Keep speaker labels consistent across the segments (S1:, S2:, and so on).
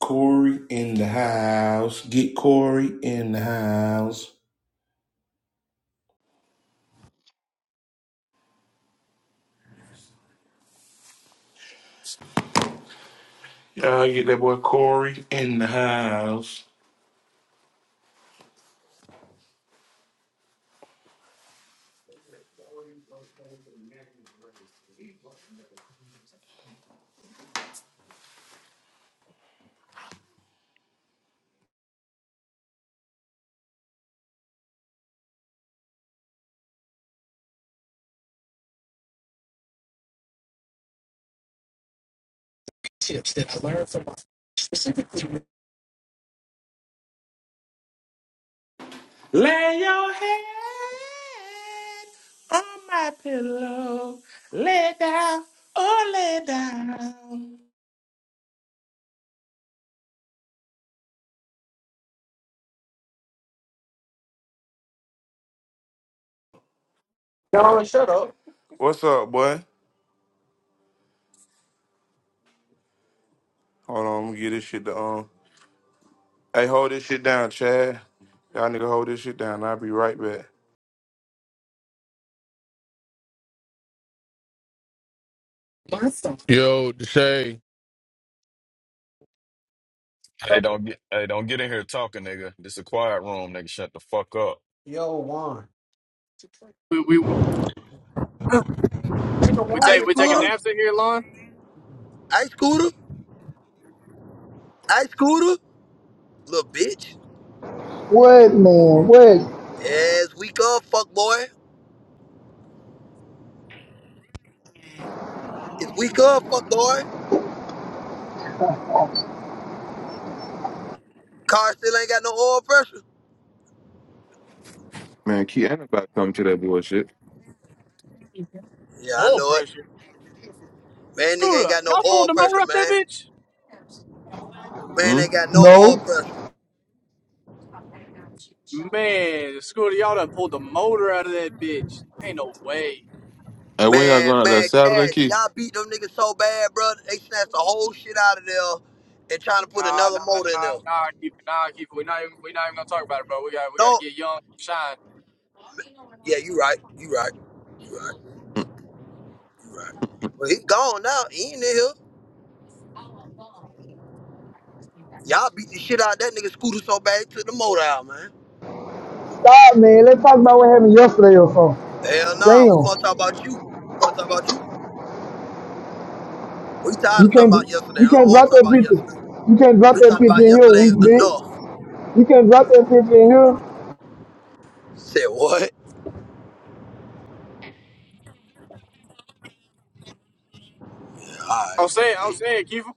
S1: Corey in the house. Get Corey in the house. Y'all get that boy Corey in the house.
S2: tips that I learned from
S1: Lay your head on my pillow. Lay down, oh lay down.
S3: Y'all shut up.
S1: What's up, boy? Hold on, I'm gonna get this shit to um. Hey, hold this shit down, Chad. Y'all nigga hold this shit down. I'll be right back.
S2: my son. Yeah.
S4: Hey, don't get hey, don't get in here talking, nigga. This a quiet room, nigga. Shut the fuck up.
S3: Yo, Juan.
S5: We we we,
S3: Nigga,
S5: we
S3: Juan
S5: take
S6: Ice
S5: we
S3: just
S5: taking
S3: called.
S6: scooter,
S5: naps in here, Lon.
S6: ice scooter, ice scooter, little bitch.
S7: Wait, man. Wait.
S6: Yeah, it's weak up, fuck boy. It's weak up, fuck boy. Car still ain't got no oil pressure.
S8: Man, Key ain't about to come to that bullshit.
S6: Yeah, I
S5: Oil
S6: know it.
S5: pressure.
S6: Man, nigga ain't
S5: Scooter,
S6: got no
S5: y'all
S6: oil
S5: pulled the motor
S6: pressure,
S5: out of that
S6: man.
S5: bitch.
S6: Man,
S8: Hmm?
S6: they got no oil
S7: No.
S6: pressure.
S5: Man, Scooter, y'all done pulled the motor out of that bitch. Ain't no way.
S8: And when y'all
S6: Man,
S8: going out there
S6: man,
S8: Saturday,
S6: Cash,
S8: Key?
S6: y'all beat them niggas so bad, bro. They snatched the whole shit out of there and trying to put
S5: Nah,
S6: another
S5: nah, nah,
S6: motor in
S5: nah,
S6: there.
S5: nah, keep it, nah, keep it. We not even we not even gonna talk about it, bro. We got we got to
S6: No,
S5: get young, shine.
S6: yeah, you right, you right, you right, you right. But he gone now. He ain't in here. Y'all beat the shit out of that nigga Scooter so bad he took the motor out, man.
S7: Stop, man. Let's talk about what happened yesterday or
S6: Hell
S7: something.
S6: nah, we want to
S7: Damn.
S6: talk about you. We want to talk about you. We tired
S7: You
S6: of talking about
S7: can't.
S6: yesterday.
S7: You
S6: I don't
S7: can't
S6: want
S7: drop
S6: to talk
S7: that
S6: about
S7: picture.
S6: yesterday.
S7: You can't drop
S6: We
S7: that
S6: talked
S7: picture
S6: about
S7: in here,
S6: yesterday
S7: weak
S6: enough.
S7: bitch. You can't drop that picture in here.
S6: Said what? All
S5: I
S6: right,
S5: was saying, I was
S6: bitch.
S5: saying, Kiefer,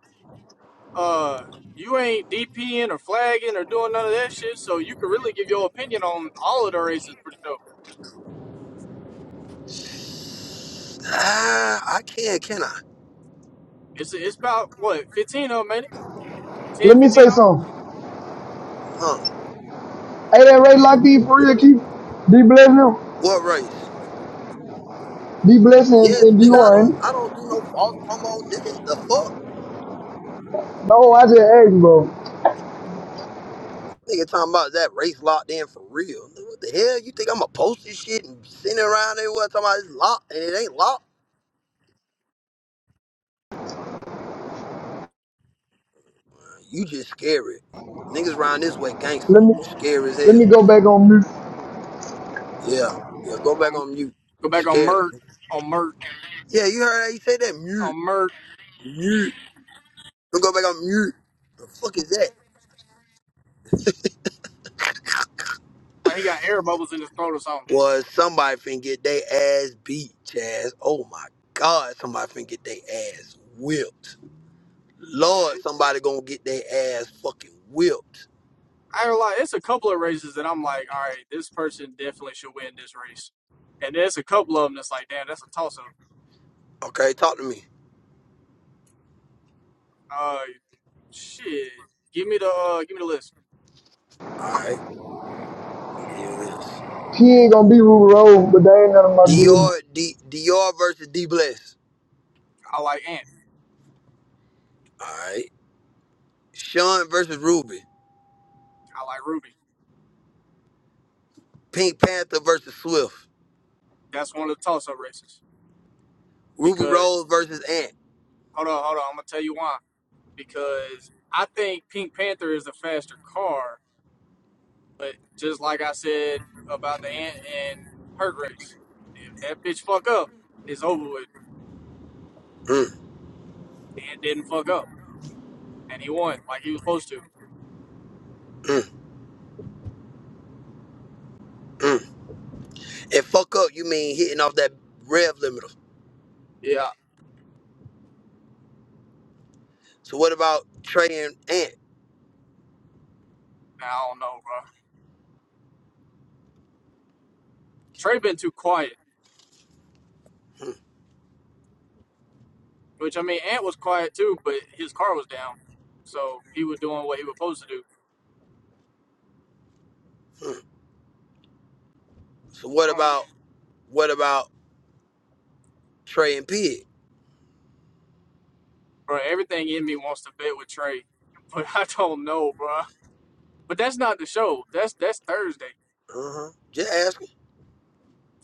S5: uh. You ain't DPing or flagging or doing none of that shit, so you can really give your opinion on all of the races for the show.
S6: Ah, I can, can I?
S5: It's it's about what fifteen of them, ain't it? 10,
S7: Let me
S5: fifteen
S7: say
S5: of
S7: something.
S6: Huh?
S7: Hey, that Ray Lockheed for real, keep D bless him.
S6: What race?
S7: D bless him
S6: Yes,
S7: and
S6: nigga. I don't. I
S7: D1.
S6: don't do no false promo, nigga. The fuck,
S7: No, I just asked, bro.
S6: nigga. Talking about that race locked in for real. Nigga, What the hell? You think I'ma post this shit and send it around everywhere talking about it's locked and it ain't locked? You just scary. Niggas round this way, gangster.
S7: Let me
S6: You scary as
S7: let me
S6: hell.
S7: go back on mute.
S6: Yeah, yeah. Go back
S5: them.
S6: on mute.
S5: Go
S6: You
S5: back on
S6: scary.
S5: Merck
S6: Nigga.
S5: on Merck.
S6: Yeah, you heard how you say that? Mute,
S5: on Mert,
S6: mute. Don't go back on mute. The fuck is that?
S5: like he got air bubbles in his throat or something.
S6: Was somebody finna get they ass beat, Chaz? Oh my God, somebody finna get they ass whipped.
S5: Yeah,
S6: Lord, somebody gonna get their ass fucking whipped.
S5: I ain't like it's a couple of races that I'm like, all right, this person definitely should win this race, and there's a couple of them that's like, damn, that's a toss up.
S6: Okay, talk to me.
S5: Uh, shit, give me the uh, give me the list.
S6: All right. Here it is.
S7: He ain't gonna be Ruby Road, but they ain't none of my business.
S6: Dior, D, Dior versus D Bless.
S5: I like Ant,
S6: All right. Sean versus Ruby.
S5: I like Ruby.
S6: Pink Panther versus Swift.
S5: That's one of the toss up races
S6: Ruby
S5: because
S6: Rose versus Ant.
S5: hold on, hold on, I'm gonna tell you why because I think Pink Panther is the faster car, but just like I said about the Ant and Hurt race, if that bitch fuck up, it's over with
S6: Mm,
S5: and it didn't fuck up, and he won like he was supposed to.
S6: mm, mm. And fuck up, you mean hitting off that rev limiter.
S5: Yeah,
S6: So what about Trey and Ant?
S5: I don't know, bro. Trey been too quiet,
S6: Mm,
S5: which I mean, Ant was quiet too, but his car was down, so he was doing what he was supposed to do.
S6: mm. So what
S5: I don't know,
S6: about what about Trey and Pig?
S5: bro. Everything in me wants to bet with Trey, but I don't know, bro. But that's not the show. That's that's Thursday.
S6: Uh-huh. Just asking.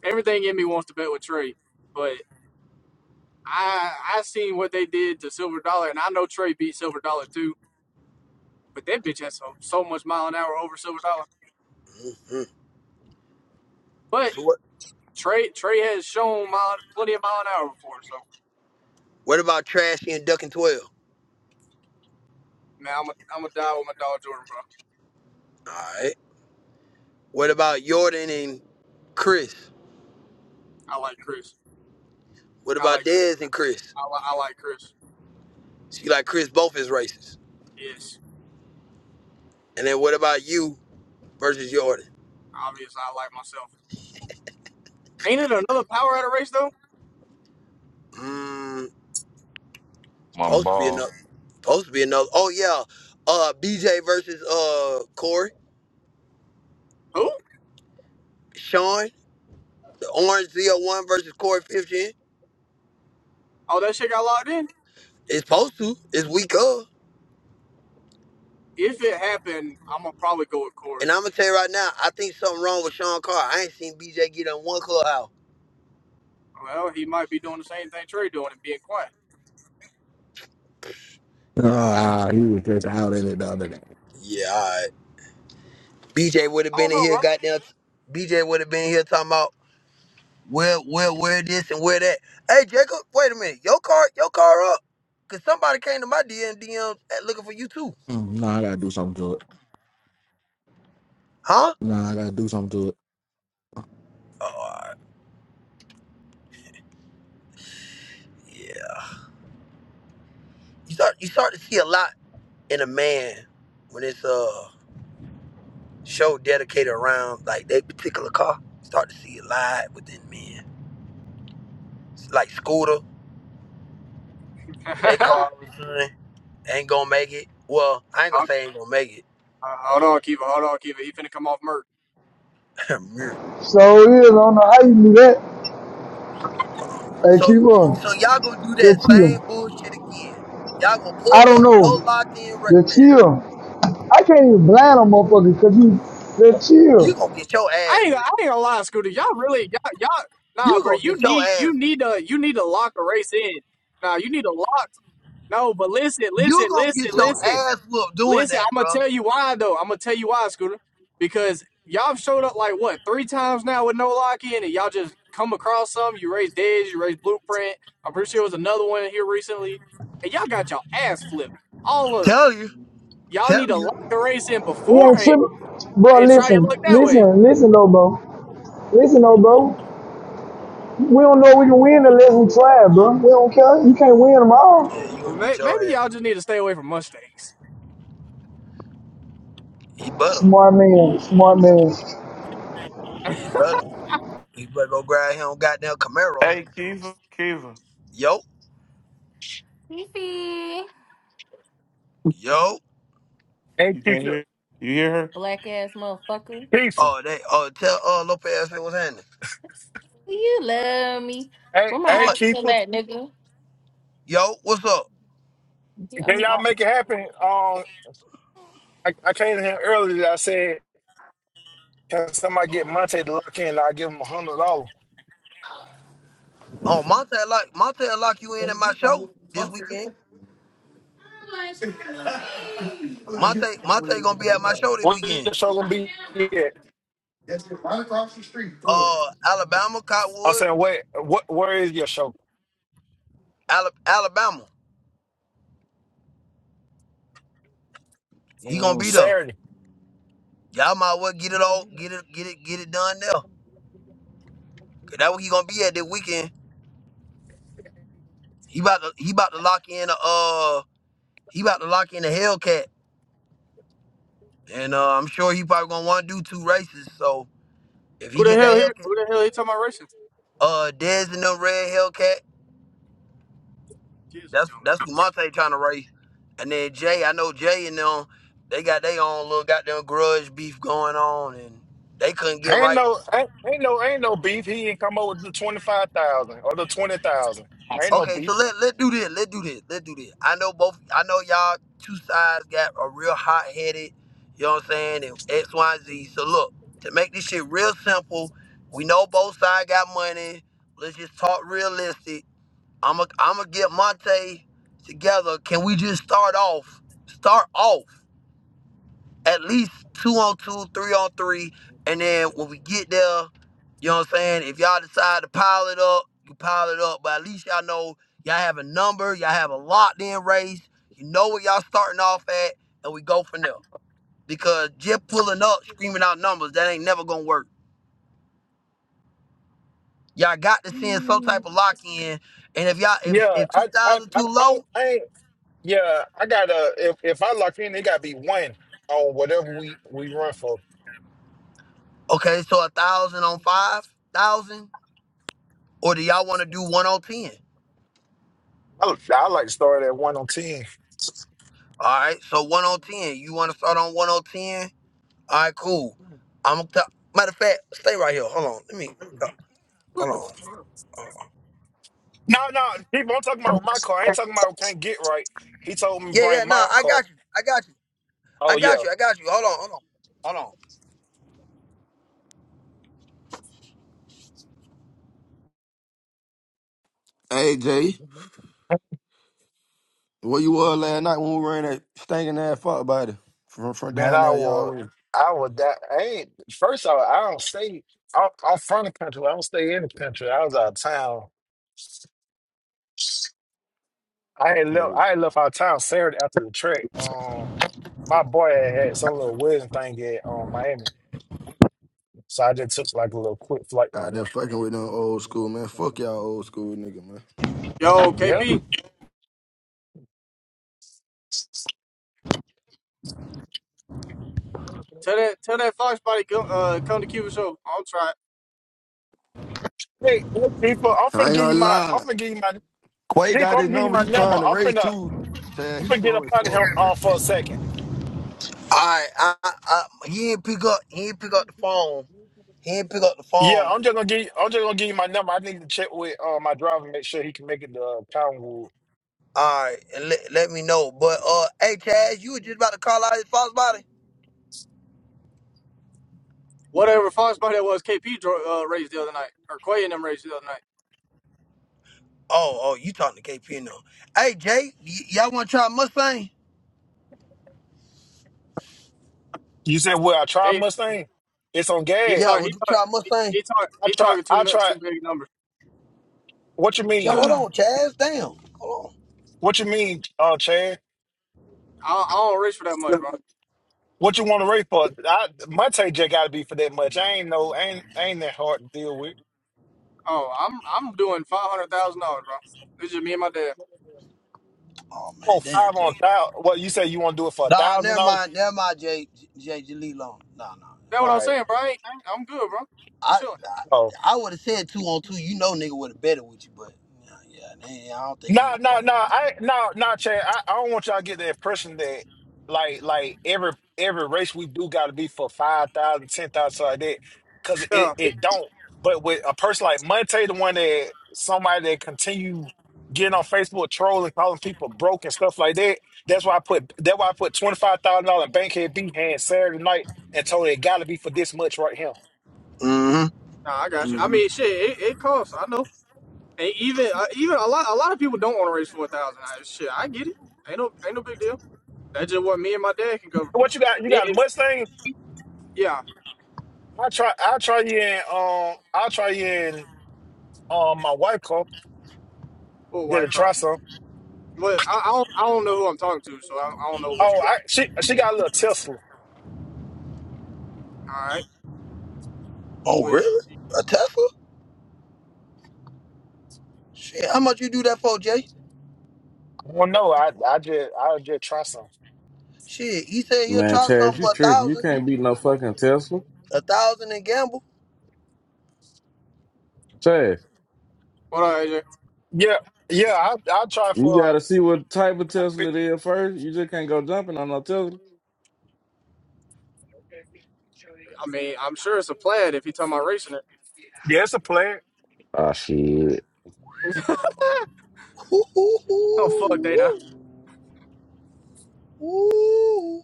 S5: Everything in me wants to bet with Trey, but I I seen what they did to Silver Dollar, and I know Trey beat Silver Dollar too. But that bitch has so, so much mile an hour over Silver Dollar.
S6: Mm, mm.
S5: But
S6: So what
S5: Trey Trey has shown mile, plenty of mile an hour before, so
S6: what about Trashy and Duck and Twelve?
S5: man, I'm a, I'm gonna die with my dog Jordan, bro.
S6: Alright. What about Jordan and Chris?
S5: I like Chris.
S6: What
S5: I
S6: about
S5: like Chris.
S6: Dez and Chris?
S5: I, li- I like Chris.
S6: See like Chris both is racist.
S5: Yes,
S6: And then what about you versus Jordan?
S5: obviously I like myself. Ain't it another power at a race though?
S6: Mmm.
S4: My
S6: supposed to be
S4: boss
S6: enough. Supposed to be another. Oh yeah, uh, BJ versus uh Corey,
S5: Who?
S6: Sean, the Orange Z01 versus Corey 15.
S5: Oh, that shit got locked in.
S6: It's supposed to. It's week of.
S5: If it happened, I'm gonna probably go with Corey.
S6: And I'm gonna tell you right now, I think something wrong with Sean Carr. I ain't seen BJ get in one clubhouse.
S5: Well, he might be doing the same thing Trey doing and being quiet.
S9: No,
S6: Yeah, all right.
S9: Ah, he was just out in it the other day.
S6: yeah, all right. BJ would have
S5: I
S6: been
S5: don't
S6: in
S5: know,
S6: here,
S5: bro.
S6: goddamn. BJ would have been here talking about where, where, where this and where that. Hey, Jacob, wait a minute. Your car, your car up, cause somebody came to my DM, DM looking for you too,
S9: Mm, nah, I gotta do something to it.
S6: huh?
S9: Nah, I gotta do something to it.
S6: Oh, all right. Yeah. you start you start to see a lot in a man when it's a show dedicated around like that particular car. Start to see a lot within men. It's like Scooter, they car all of a sudden ain't gonna make it. Well, I ain't gonna say ain't gonna make
S5: Uh, hold on, Kiva. Hold on, Kiva. He finna come off Merc.
S6: it.
S7: So it is. I don't know how you do that.
S6: Um,
S7: Hey,
S6: so
S7: keep on.
S6: so y'all gonna do that
S7: Just chill.
S6: same bullshit again. Y'all gonna
S7: I
S6: pull
S7: don't
S6: up,
S7: know.
S6: no locked in, re-
S7: The
S6: man.
S7: chill. I can't even blame them motherfuckers because you the
S6: You gonna
S7: chill.
S6: get your
S5: I
S6: ass
S5: ain't, I
S6: whooped.
S5: ain't gonna lie, Scooter. Y'all really, y'all, y'all, nah,
S6: You
S5: bro.
S6: gonna
S5: You
S6: get your
S5: need,
S6: ass
S5: you
S6: whooped.
S5: need to, you need to lock a race in. Nah, you need to lock. No, but listen,
S6: You
S5: listen,
S6: gonna
S5: listen,
S6: get your
S5: listen,
S6: ass whooped doing
S5: listen.
S6: that,
S5: I'm gonna
S6: bro.
S5: tell you why though. I'm gonna tell you why, Scooter. Because y'all showed up like what three times now with no lock in, and y'all just come across some. You raised Dez, you raised Blueprint. I'm pretty sure it was another one here recently, and y'all got your ass flipped. All of 'em.
S6: Tell you,
S5: y'all
S6: tell
S5: need to
S6: you.
S5: lock the race in
S7: We ain't
S5: beforehand
S7: tripping. Bro,
S5: and try your
S7: listen,
S5: luck that way.
S7: listen, listen though, bro. Listen though, bro. We don't know we can win unless we try, bro. We don't care. You can't win them all.
S6: Yeah,
S5: Oh,
S6: you
S5: well,
S6: gonna
S5: may,
S6: get your
S5: maybe
S6: ass.
S5: y'all just need to stay away from Mustangs.
S6: He better.
S7: Smart man, smart man.
S6: He better. He better go grab him goddamn Camaro.
S1: Hey, Kiva, Kiva,
S6: Yo,
S1: Fifi.
S6: yo.
S10: Hey,
S1: you can't
S10: Keisha.
S1: hear? You hear her? Black ass motherfucker.
S10: Keisha.
S6: Oh, they. Oh, tell uh Lopez what's happening.
S1: You love me.
S10: Hey,
S1: Where my
S6: You
S10: hey,
S6: like,
S1: aunt still
S10: Keisha.
S1: at, nigga?
S6: yo, what's up?
S1: He owe
S10: Can
S1: me
S10: y'all
S1: out.
S10: make it happen? Um, I, I came in here earlier. I said, can somebody get Monte to look in? I'll give him a hundred dollars.
S6: Oh, Monte lock Monte lock you in at my show this weekend. Monte Monte gonna be at my show this
S10: Where
S6: weekend.
S10: your show gonna be at?
S1: Right across the street. Look.
S6: Uh, Alabama
S10: I
S6: Cottonwood,
S10: said, wait, what? Where is your show?
S6: Ala- Alabama. He gonna
S10: Mm,
S6: be there.
S10: Saturday.
S6: Y'all might as well get it all, get it, get it, get it done there. Cause that's what he gonna be at this weekend. He about to he about to lock in a uh he about to lock in a Hellcat. and uh, I'm sure he probably gonna want to do two races. So if he
S5: Who the
S6: get
S5: hell
S6: that
S5: here?
S6: Hellcat,
S5: Who the hell he talking about racing?
S6: uh, Dez and them red Hellcat,
S5: Kids are
S6: that's
S5: dumb
S6: that's what
S5: niggas.
S6: Monte trying to race. And then Jay, I know Jay and them, they got their own little goddamn grudge beef going on, and they couldn't get
S10: Ain't
S6: right.
S10: no, ain't, ain't no, ain't no beef. He ain't come up with the twenty five thousand or the twenty thousand. Ain't no
S6: Okay, so
S10: beef.
S6: let let do this, let do this, let do this. I know both, I know y'all two sides got a real hot headed, you know what I'm saying, and X, Y, and Z. So look, to make this shit real simple, we know both sides got money. Let's just talk realistic I'm going I'm to get Monte together. Can we just start off? Start off at least two on two, three on three. And then when we get there, you know what I'm saying? If y'all decide to pile it up, you pile it up. But at least y'all know y'all have a number, y'all have a locked in race. You know where y'all starting off at, and we go from there. Because just pulling up, screaming out numbers, that ain't never gonna work. Y'all got to send some
S10: Mm.
S6: type of lock in. And if y'all if
S10: Yeah,
S6: if
S10: I, I,
S6: 2000
S10: I, I,
S6: too
S10: don't-
S6: low,
S10: I ain't Yeah, I got uh if if I lock in, it gotta be one on whatever we we run for.
S6: Okay, so a thousand on five thousand, or do y'all want to do one on ten?
S10: I, I like to start at one on ten.
S6: All right, so one on ten. You want to start on one on ten? All right, cool. I'm gonna tell. Matter of fact, stay right here. Hold on. Let me. Let me talk. Hold
S11: What the
S6: on.
S11: fuck?
S10: No, no, people, I'm talking about my car. I ain't talking about can't get right. He told me
S6: Yeah, yeah.
S10: bring
S6: Nah,
S10: my
S6: I
S10: car.
S6: got you. I got you. I
S10: Oh yeah,
S6: got you. I got you. Hold on. Hold on. Hold on.
S11: Hey Jay, where you were last night when we were in that stinking ass fuck body from from
S10: man,
S11: down
S10: I
S11: there, y'all
S10: would,
S11: way.
S10: I would die. I ain't first. I, I don't stay. I'm, I'm from the country. I don't stay in the country. I was out of town. I had left.
S11: Hey,
S10: I had left out of town Saturday after the trek. Um, my boy had, had some little wedding thing at um Miami, so I just took like a little quick flight
S11: out
S10: down
S11: there
S10: there.
S11: fucking with them old school man. Fuck y'all old school nigga man.
S5: Yo,
S10: Yeah.
S5: KP, tell that tell that Fox body come uh come to Cuba show. I'll try it.
S10: Hey, look, people, I'm
S11: I
S10: finna
S11: ain't
S10: give
S11: gonna
S10: you my. I'm
S11: lie.
S10: finna give you my.
S11: Quay
S10: People,
S11: got
S10: I'm
S11: his
S10: gonna give you
S11: number.
S10: my
S11: He
S10: number.
S11: trying to
S10: I'm
S11: raise
S10: finna.
S11: too. Tad,
S10: I'm
S11: he
S10: finna get
S11: slow
S10: up
S11: as
S10: out of here
S11: fuck.
S10: uh, for a second.
S6: All right. I, I, I, he didn't pick up. He didn't pick up the phone. He didn't pick up the
S10: Yeah,
S6: phone.
S10: I'm just gonna give. You, I'm just gonna give you my number. I need to check with uh, my driver, make sure he can make it to uh, Cottonwood.
S6: All right, and let, let me know. But uh, hey, Chaz, you were just about to call out his false body.
S5: Whatever Fox body that was, KP dro- uh, raised the other night, or Quay and them raised the other night.
S6: Oh, oh, you talking to KP now. Hey, Jay, y- y'all want to try Mustang?
S10: You said what? I tried
S5: They
S10: Mustang. It's on
S5: he
S10: gas.
S6: Yeah,
S5: talk he
S6: would you
S5: talk
S6: try
S5: he,
S6: Mustang?
S5: he talk
S10: I
S5: he
S10: try.
S5: talking too
S10: I
S5: much
S10: try.
S5: too big numbers.
S10: What you
S6: Jay,
S10: mean?
S6: hold
S5: I,
S6: on, Chaz. Damn. Hold
S10: What you mean, uh, Chad?
S5: I don't race for that much, bro.
S10: What you want to rate for? I my take just got to be for that much. I ain't no. I Ain't I ain't that hard to deal with.
S5: Oh, I'm I'm doing five hundred thousand dollars, bro. It's just me and my dad.
S6: on. Oh,
S10: Oh,
S6: man, damn.
S10: five on
S6: Jay.
S10: thousand. What you say? You want to do it for a
S6: Nah,
S10: thousand
S6: never
S10: dollars?
S6: mind. Never mind, Jay. Jay, just leave Nah, nah.
S5: That's what
S10: All
S5: I'm
S10: right.
S5: saying, bro. I ain't, I ain't- I'm good, bro.
S6: I,
S5: Chilling.
S6: I,
S10: Oh.
S6: I would have said two on two. You know nigga would have betted with you, but nah, yeah, man, I don't think
S10: No,
S6: he gonna
S10: no,
S6: fuck
S10: no. I no, no, Chad. I, I don't want y'all to get the impression that like like every every race we do got to be for five thousand, ten thousand, 10,000 something like that cuz
S5: Yeah.
S10: it it don't. But with a person like Monte the one that somebody that continue getting on Facebook trolling calling people broke and stuff like that. That's why I put that's why I put $25,000 in Bankhead B hand Saturday night and told it got to be for this much right here.
S6: Mm-hmm.
S5: Nah, I got you. I
S6: Mm-hmm.
S5: mean, shit, it, it costs. I know, and even uh, even a lot a lot of people don't want to raise four thousand. Shit, I get it. Ain't no ain't no big deal. That's just what me and my dad can cover.
S10: What you
S5: If
S10: got? You
S5: it-
S10: got a
S5: if-
S10: Mustang?
S5: yeah,
S10: I try I will try you in um I'll try you in um my wife car.
S5: or
S10: Did
S5: white
S10: it try
S5: car.
S10: some?
S5: But I, I don't I don't know who I'm talking to, so I, I don't know what you
S10: Oh, I
S5: got.
S10: she she got a little Tesla.
S5: All right,
S6: Oh,
S5: what
S6: really? A Tesla? Shit, how much you do that for, Jay?
S10: Well, no, I I just I just try some.
S6: Shit, he said he'll
S12: Man,
S6: try
S12: Chaz,
S6: something
S12: you
S6: for a
S12: tripping. You
S6: thousand.
S12: can't beat no fucking Tesla.
S6: A thousand and gamble.
S12: Chaz,
S5: what are you?
S10: Yeah, yeah, I I'll try
S12: you
S10: for.
S12: gotta see what type of
S10: about
S12: Tesla
S10: fif-
S12: it is first. You just can't go jumping on no Tesla.
S5: I mean, I'm sure it's a plaid if you talking about racing it.
S10: Yeah, it's a player.
S12: Ah shit.
S5: Oh fuck, Dana.
S6: Ooh.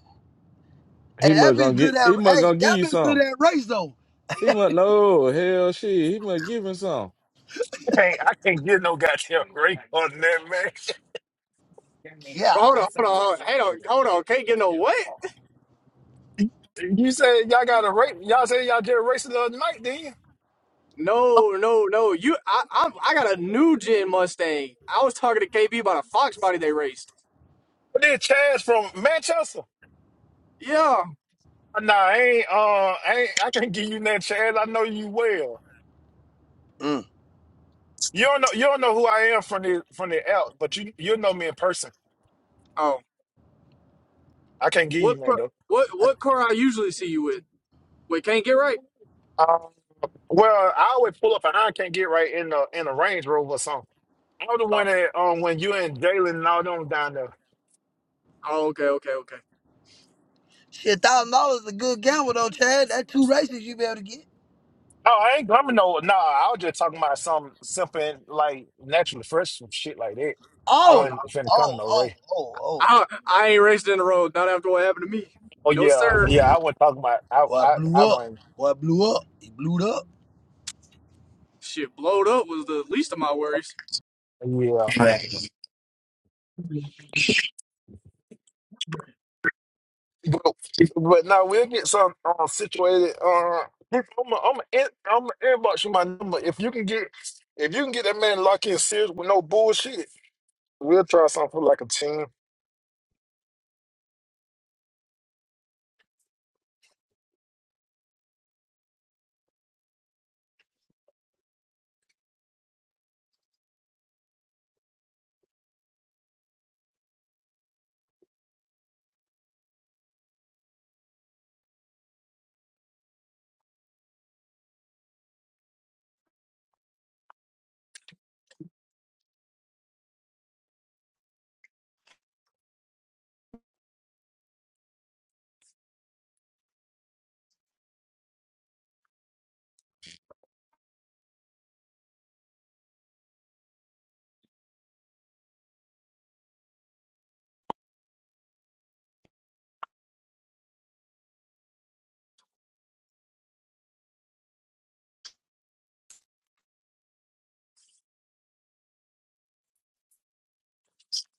S12: He
S6: Hey,
S12: must
S6: that be
S12: gonna get
S6: good at
S12: he must
S6: hey,
S12: gonna give
S6: that
S12: you
S6: be good
S12: some.
S6: at race though.
S12: He must no hell shit. He must give him some.
S10: I can't I can't get no goddamn rate on that man.
S6: Yeah.
S5: Bro, hold on, hold on, hold on, hold on. Can't get no what?
S10: You say y'all got a rate? Y'all say y'all just a the other night, didn't you?
S5: No, no, no. You, I, I, I got a new gen Mustang. I was talking to KB about a Fox body they raced.
S10: But then Chaz from Manchester.
S5: Yeah.
S10: Nah, I ain't. Uh, I ain't. I can't give you that Chaz. I know you well.
S6: Mm.
S10: You don't know you don't know who I am from the from the out, but you you know me in person.
S5: Oh,
S10: I can't give
S5: what
S10: you man
S5: per-
S10: though.
S5: what what car I usually see you with? Wait, can't get right.
S10: Um, well, I always pull up and I can't get right in the in the Range Rover or something. I was the one
S5: Oh,
S10: that um when you and Jalen and all them down there.
S5: oh, okay, okay, okay.
S6: Shit, thousand dollars is a good gamble though, Chad. That two races you be able to get.
S10: Oh, I ain't coming no. Nah, I was just talking about some something like naturally fresh some shit like that. I
S5: Oh no,
S6: Oh,
S10: wasn't finna come
S6: oh,
S10: no
S6: oh,
S10: Ray.
S6: oh, oh.
S5: I I ain't racing in the road. Not after what happened to me.
S10: Oh
S5: No
S10: yeah,
S5: sir.
S10: yeah. I wasn't talking about. I
S6: Boy
S10: I I
S6: blew up.
S10: wasn't.
S6: Boy blew up. He blew up.
S5: Shit, blowed up was the least of my worries.
S10: Yeah. But, but now we'll get some uh, situated. Uh, I'm a, I'm in- I'm inbox you my number. If you can get if you can get that man locked in serious with no bullshit, we'll try something like a team.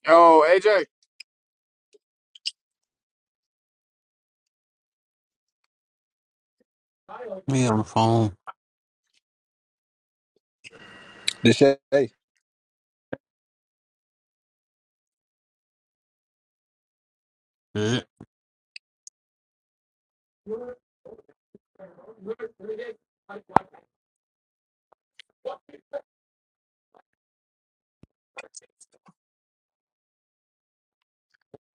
S5: Yo, AJ.
S3: Me on the phone.
S13: This shit, hey,
S3: Shit.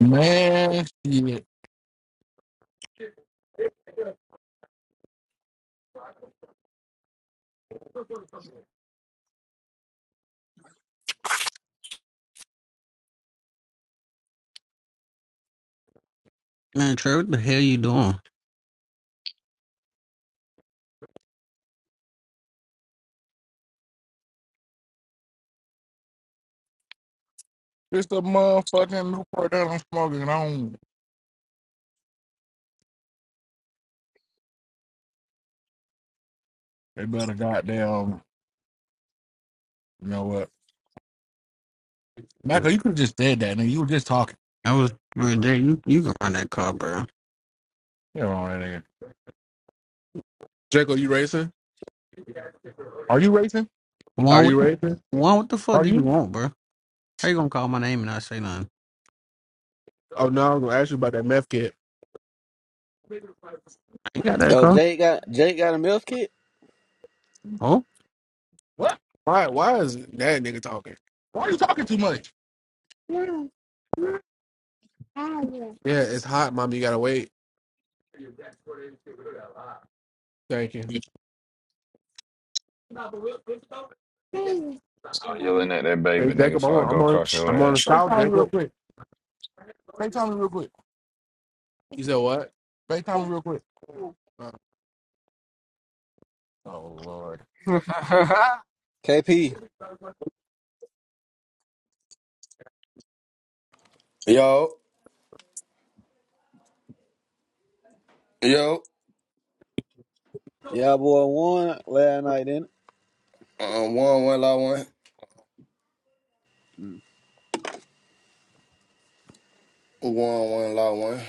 S9: Man, shit.
S3: Man, Trey, what the hell you doing?
S9: It's the motherfucking Newport that I'm smoking on. They better goddamn, you know what? Michael, you could have just said that, nigga. You were just talking.
S3: I was right there. You, you can run that car, bro.
S9: You know that nigga.
S2: You racing?
S9: Are you racing?
S2: Are
S3: Juan, what
S2: you
S3: the
S2: racing?
S3: Juan, what the fuck
S9: Are
S3: did you
S9: you?
S3: want, bro? How you gonna call my name and not say nothing?
S2: Oh no, I'm gonna ask you about that meth kid.
S3: I ain't got that
S13: Oh,
S3: car.
S13: Jake got Jake got a milf kit.
S3: Oh,
S9: What?
S2: Why? Why is that nigga talking?
S9: Why are you talking too much?
S2: Yeah, it's hot, mom. You gotta wait. Thank you.
S4: start yelling at that
S2: Hey
S4: baby, nigga,
S2: Jacob, I'm
S4: before I
S2: on. I'm
S4: go
S2: on,
S4: crush your
S2: I'm on
S4: ass.
S2: the south,
S9: FaceTime me real
S2: Jacob.
S9: quick. FaceTime me real quick.
S2: You said what?
S9: FaceTime me real quick. Oh, Lord.
S13: KP,
S11: Yo, yo,
S13: Y'all boy won last night, didn't?
S11: uh, one, one, law one, one, one, law one.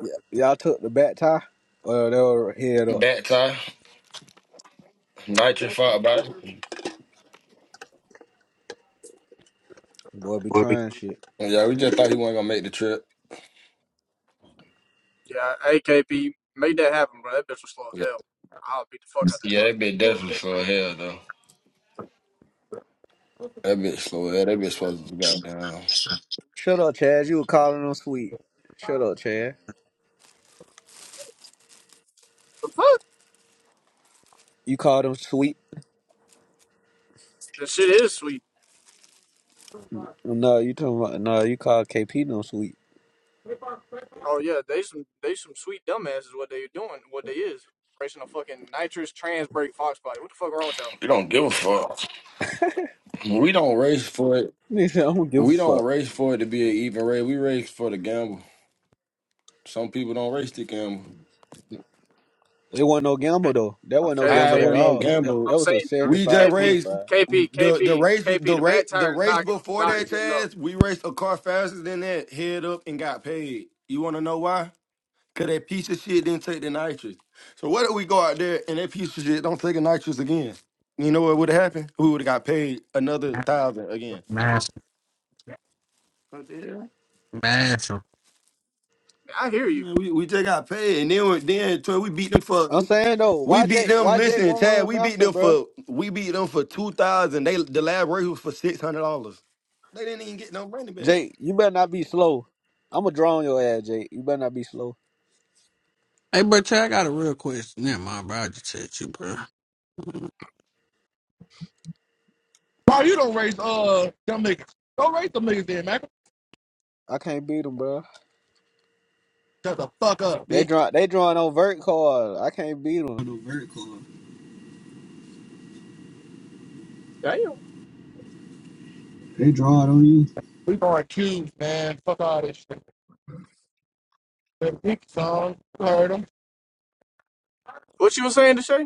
S13: it? Yeah, y'all took the back tie. Well, they were head up.
S11: Back tie, nitro fought about it.
S13: Boy, be trying shit.
S11: Yeah, we just thought he wasn't gonna make the trip.
S5: yeah, AKP made that happen, bro. That bitch was slow as
S11: Yeah,
S5: hell. I'll beat the fuck out that
S11: yeah,
S5: car.
S11: that bitch definitely slow as hell though. That bitch slow. Yeah, That bitch supposed to be goddamn.
S13: Shut up, Chaz. You were calling them sweet. Shut up, Chaz.
S5: The fuck?
S13: You called them sweet.
S5: The shit is sweet.
S13: No, you talking about no. You called KP no sweet.
S5: Oh yeah, they some they some sweet dumbasses. What they doing? What they is racing a fucking nitrous trans brake fox body. What the fuck wrong with y'all?
S11: We don't give a fuck. We don't race for it.
S13: They said, I don't give a
S11: We don't
S13: fuck.
S11: race for it to be an even race. We race for the gamble. Some people don't race to gamble.
S13: It wasn't no gamble though. That wasn't no
S5: KKP.
S11: High
S13: gamble at
S11: wasn't no
S13: all. That,
S5: I'm
S11: gamble.
S13: that was a
S5: saying
S11: We
S5: uh,
S13: seventy-five
S11: just
S5: KP,
S11: raced
S13: twenty-five.
S5: KP,
S11: the the
S5: KP,
S11: race
S5: KP.
S11: the
S5: The back
S11: race the
S5: tire is
S11: race
S5: not
S11: before
S5: not
S11: that,
S5: good enough.
S11: Chaz. We raced a car faster than that, head up, and got paid. You want to know why? Cause that piece of shit didn't take the nitrous. So what if we go out there and that piece of shit don't take the nitrous again? You know what would have happened? We would have got paid another thousand again.
S3: massive,
S11: What the hell?
S3: massive.
S5: I hear you.
S11: Man, we, we just got paid and then we- then Troy, we beat them for
S13: I'm
S11: we,
S13: saying though,
S11: we
S13: why
S11: beat
S13: Jake?
S11: them.
S13: Why Jake
S11: Listen,
S13: won't
S11: Chad,
S13: run
S11: we beat
S13: master,
S11: them
S13: bro?
S11: for we beat them for two thousand. They the lab rate was for six hundred dollars. They didn't even get no money back.
S13: Jake, you better not be slow. I'ma draw on your ass, Jake. You better not be slow.
S3: Hey, bro, Trey, I got a real question. Never mind, bro. I just said you, bro.
S9: Why you don't race, uh, them niggas? Don't race them niggas then, Michael.
S13: I can't beat them, bro.
S9: Shut the fuck up, bitch.
S13: They draw. They drawing on vert card. I can't beat them. On vert card.
S5: Damn.
S13: They draw it on you.
S9: We going cubes, man. Fuck all this shit. That pink song, you heard them.
S5: What you were saying, Deshae?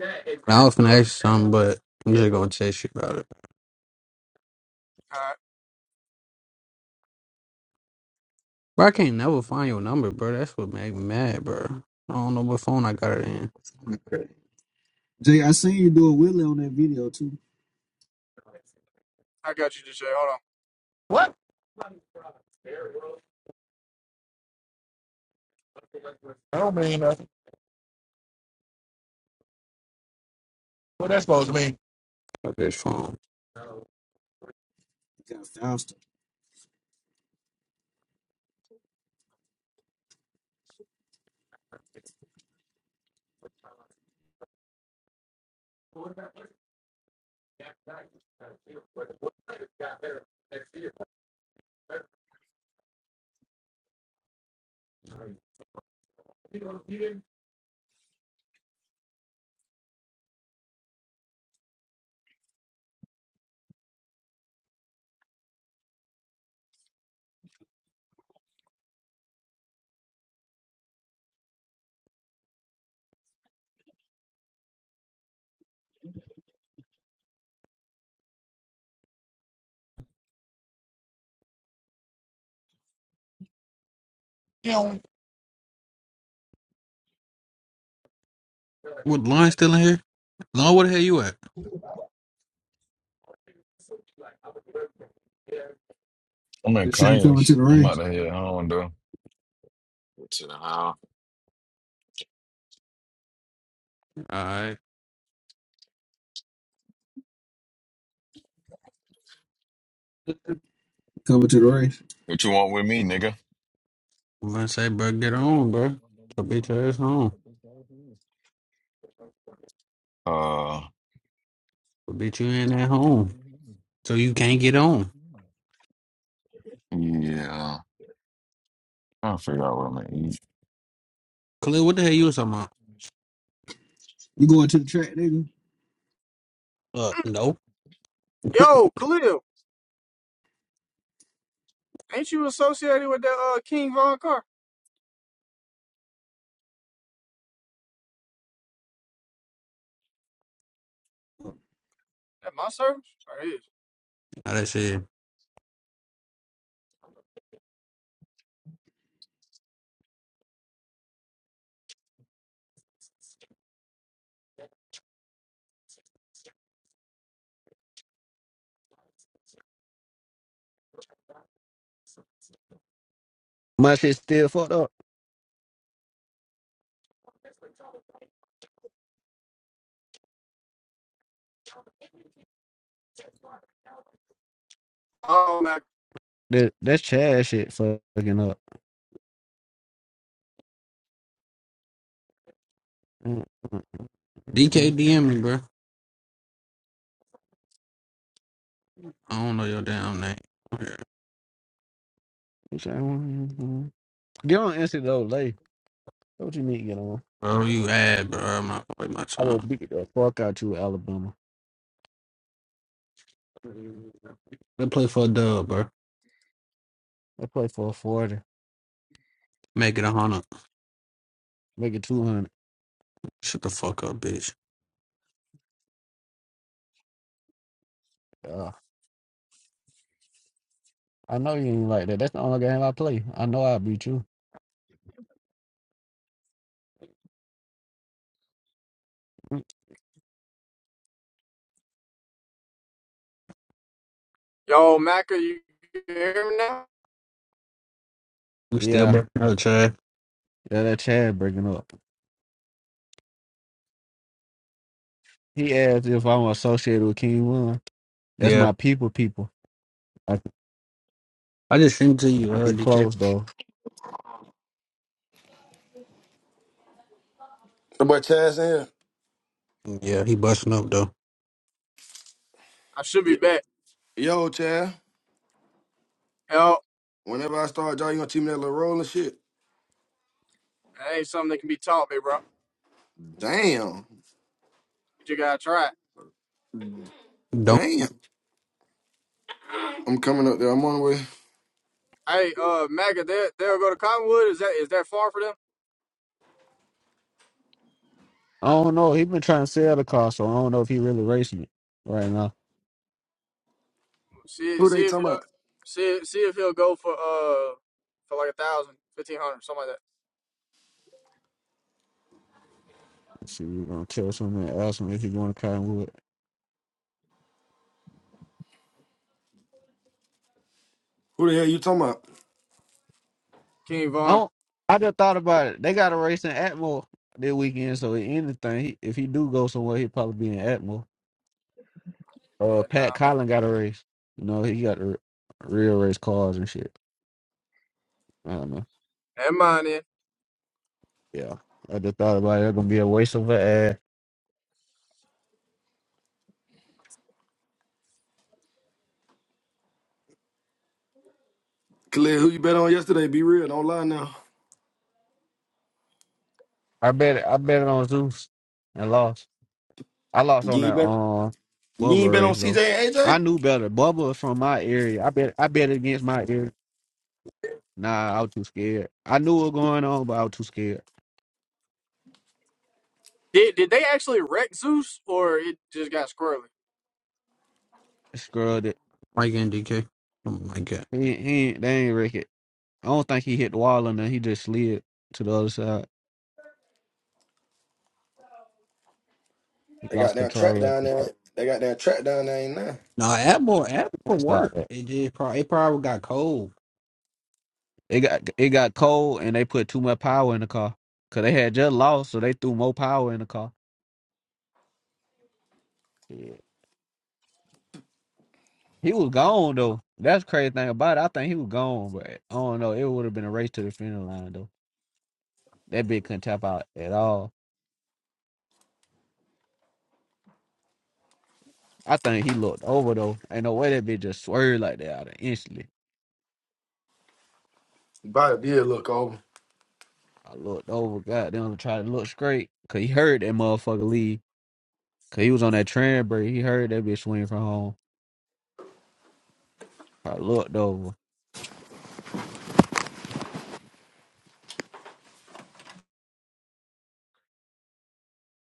S3: I was gonna ask you something, but I'm just gonna text you about it.
S5: All right,
S3: Bro, I can't never find your number, bro. That's what made me mad, bro. I don't know what phone I got it in.
S13: Okay. Jake, I seen you do a wheelie on that video too.
S5: I got you, Deshae. Hold on.
S9: What? I don't mean nothing. What that supposed to mean?
S3: Got this phone.
S13: You got faster.
S9: You know,
S3: What Lauren still in here? Lauren, where the hell you at?
S4: I'm in
S13: This shit ain't coming to
S4: Conyers.
S13: the
S4: I'm out
S13: race.
S4: of here. I don't do. What to the hell?
S3: Alright.
S13: Coming to the race.
S4: What you want with me, nigga?
S3: I'm gonna say, bro, get on, bro. So beat your ass home.
S4: Uh,
S3: So beat you in at home. So you can't get on.
S4: yeah. I'll figure out what I'm gonna eat.
S3: Khalil, what the hell you was talking about?
S13: You going to the track, nigga?
S3: Uh, no.
S5: Yo, Khalil, ain't you associated with that uh, King Von Car? That my service? Sure is.
S3: Now that shit.
S13: My shit still fucked up.
S5: Oh, Mac.
S13: That that's Chad shit fucking up. Mm, mm,
S3: DK
S13: mm,
S3: DM me, bro. I don't know your damn name.
S13: mm. Get on Insta though, lay. What you need to get on?
S3: Bro, you ad, bro. I'm not wasting my
S13: I will beat the fuck out you, Alabama.
S3: time. Let's play for a dub, bro.
S13: I play for a 40,
S3: Make it a hundred.
S13: make it 200.
S3: Shut the fuck up, bitch.
S13: Uh, I know you ain't like that. That's the only game I play. I know i beat you. Mm.
S5: Yo, Mac, are you hear me now?
S3: We still
S13: Yeah,
S3: busting out, Chad.
S13: yeah, that Chad breaking up. He asked if I'm associated with King One. That's
S3: Yeah.
S13: my people, people. I,
S3: I just sent to you, uh,
S13: he
S3: DK.
S13: closed though.
S11: The boy Chad's in.
S3: Yeah, he busting up, though.
S5: I should be
S11: Yo,
S5: back.
S11: yo, Chad.
S5: Yo,
S11: Whenever I start drawing, you gonna teach me that little roll and shit.
S5: that ain't something that can be taught me, bro.
S11: Damn,
S5: But you gotta try. it.
S3: Don't
S11: damn. I'm coming up there. I'm on the way.
S5: Hey, uh, Mac, they they'll go to Cottonwood. Is that is that far for them?
S13: I don't know. He been trying to sell the car, so I don't know if he really racing it right now.
S5: See
S11: Who they
S5: see if
S11: talking
S5: he'll
S11: about?
S5: see see if he'll go for uh for like a thousand, fifteen hundred, something like that.
S13: Let's see, we're gonna tell someone, ask him if he going to Cottonwood.
S11: Who the hell you talking about?
S5: King
S13: I
S5: Vaughn.
S13: don't. I just thought about it. They got a race in Atmore this weekend, so if anything, he, if he do go somewhere, he'll probably be in Atmore. Uh,
S5: Yeah,
S13: Pat
S5: nah.
S13: Collin got a race. You know, he got the real race cars and shit. I don't know.
S5: Never mind then.
S13: Yeah, I just thought about it. It's gonna be a waste of a ad.
S11: Khalid, who you bet on yesterday? Be real, don't lie now.
S13: I bet. it- I bet it on Zeus and lost. I lost
S11: You
S13: on
S11: ain't
S13: that
S11: bet.
S13: um
S11: You ain't
S13: Bubba
S11: bet on
S13: race
S11: CJ
S13: though.
S11: and
S13: I
S11: AJ.
S13: knew better. Bubba was from my area. I bet. I bet against my area. Nah, I was too scared. I knew what was going on, but I was too scared.
S5: Did did they actually wreck Zeus or it just got squirrely?
S13: I Scrubbed it.
S3: like in DK. Oh, my God.
S13: He, he ain't- they ain't wreck it. I don't think he hit the wall and then he just slid to the other side. He
S11: They got
S13: lost
S11: that track
S13: control of
S11: down there.
S13: it.
S11: They got that track down there ain't now.
S3: No, Apple, Apple
S13: Stop
S3: work.
S13: that.
S3: It did probably, it probably got cold.
S13: It got it got cold and they put too much power in the car. Cause they had just lost, so they threw more power in the car. Yeah. He was gone though. That's the crazy thing about it. I think he was gone, but I don't know. It would have been a race to the finish line though. That bitch couldn't tap out at all. I think he looked over though. Ain't no way that bitch just swerved like that out of instantly.
S11: Body did look over.
S13: I looked over, goddamn, to try to look straight. Cause he heard that motherfucker leave. Cause he was on that train break. He heard that bitch swing from home. I looked over.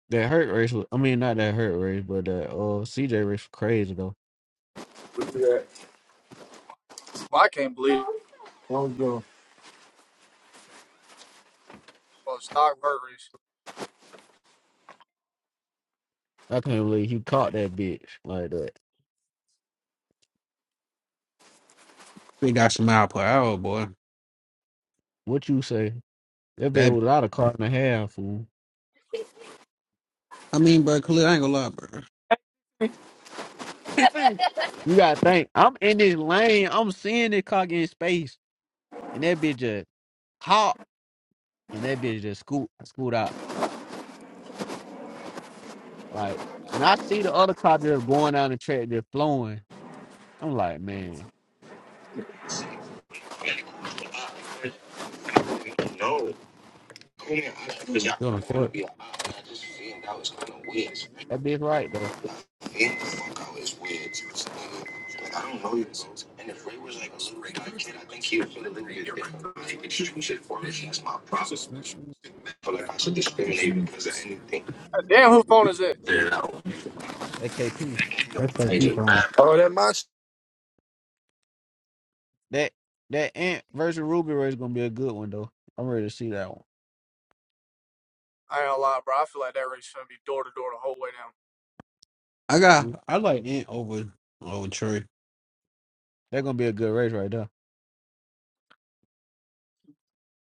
S13: That hurt race was, I mean, not that hurt race, but that uh CJ race was crazy though.
S11: Look at that.
S5: Well, I can't believe it.
S11: Long gone.
S5: Well stock bird race.
S13: I can't believe he caught that bitch like that.
S3: It got some mile per hour, boy.
S13: What you say? That bitch
S3: That,
S13: was out of car and a half, fool.
S3: I mean, bro, Khalil, I ain't gonna lie, bro.
S13: You gotta think. I'm in this lane. I'm seeing this car get in space, and that bitch just hop, and that bitch just scoot, scoot out. Like, and I see the other car just going down the track, just flowing. I'm like, man,
S3: You're on the court.
S13: that bitch right though. Mm, mm, mm.
S5: God Damn who phone is it?
S13: That KP.
S3: That's that keep on.
S11: Oh, that match.
S13: That that Ant versus Ruby race gonna be a good one though. I'm ready to see that one.
S5: I ain't gonna lie, bro. I feel like that race is gonna be door to door the whole way down.
S3: I
S13: Mm,
S3: got. I like Ant over over Trey.
S13: That gonna be a good race right there.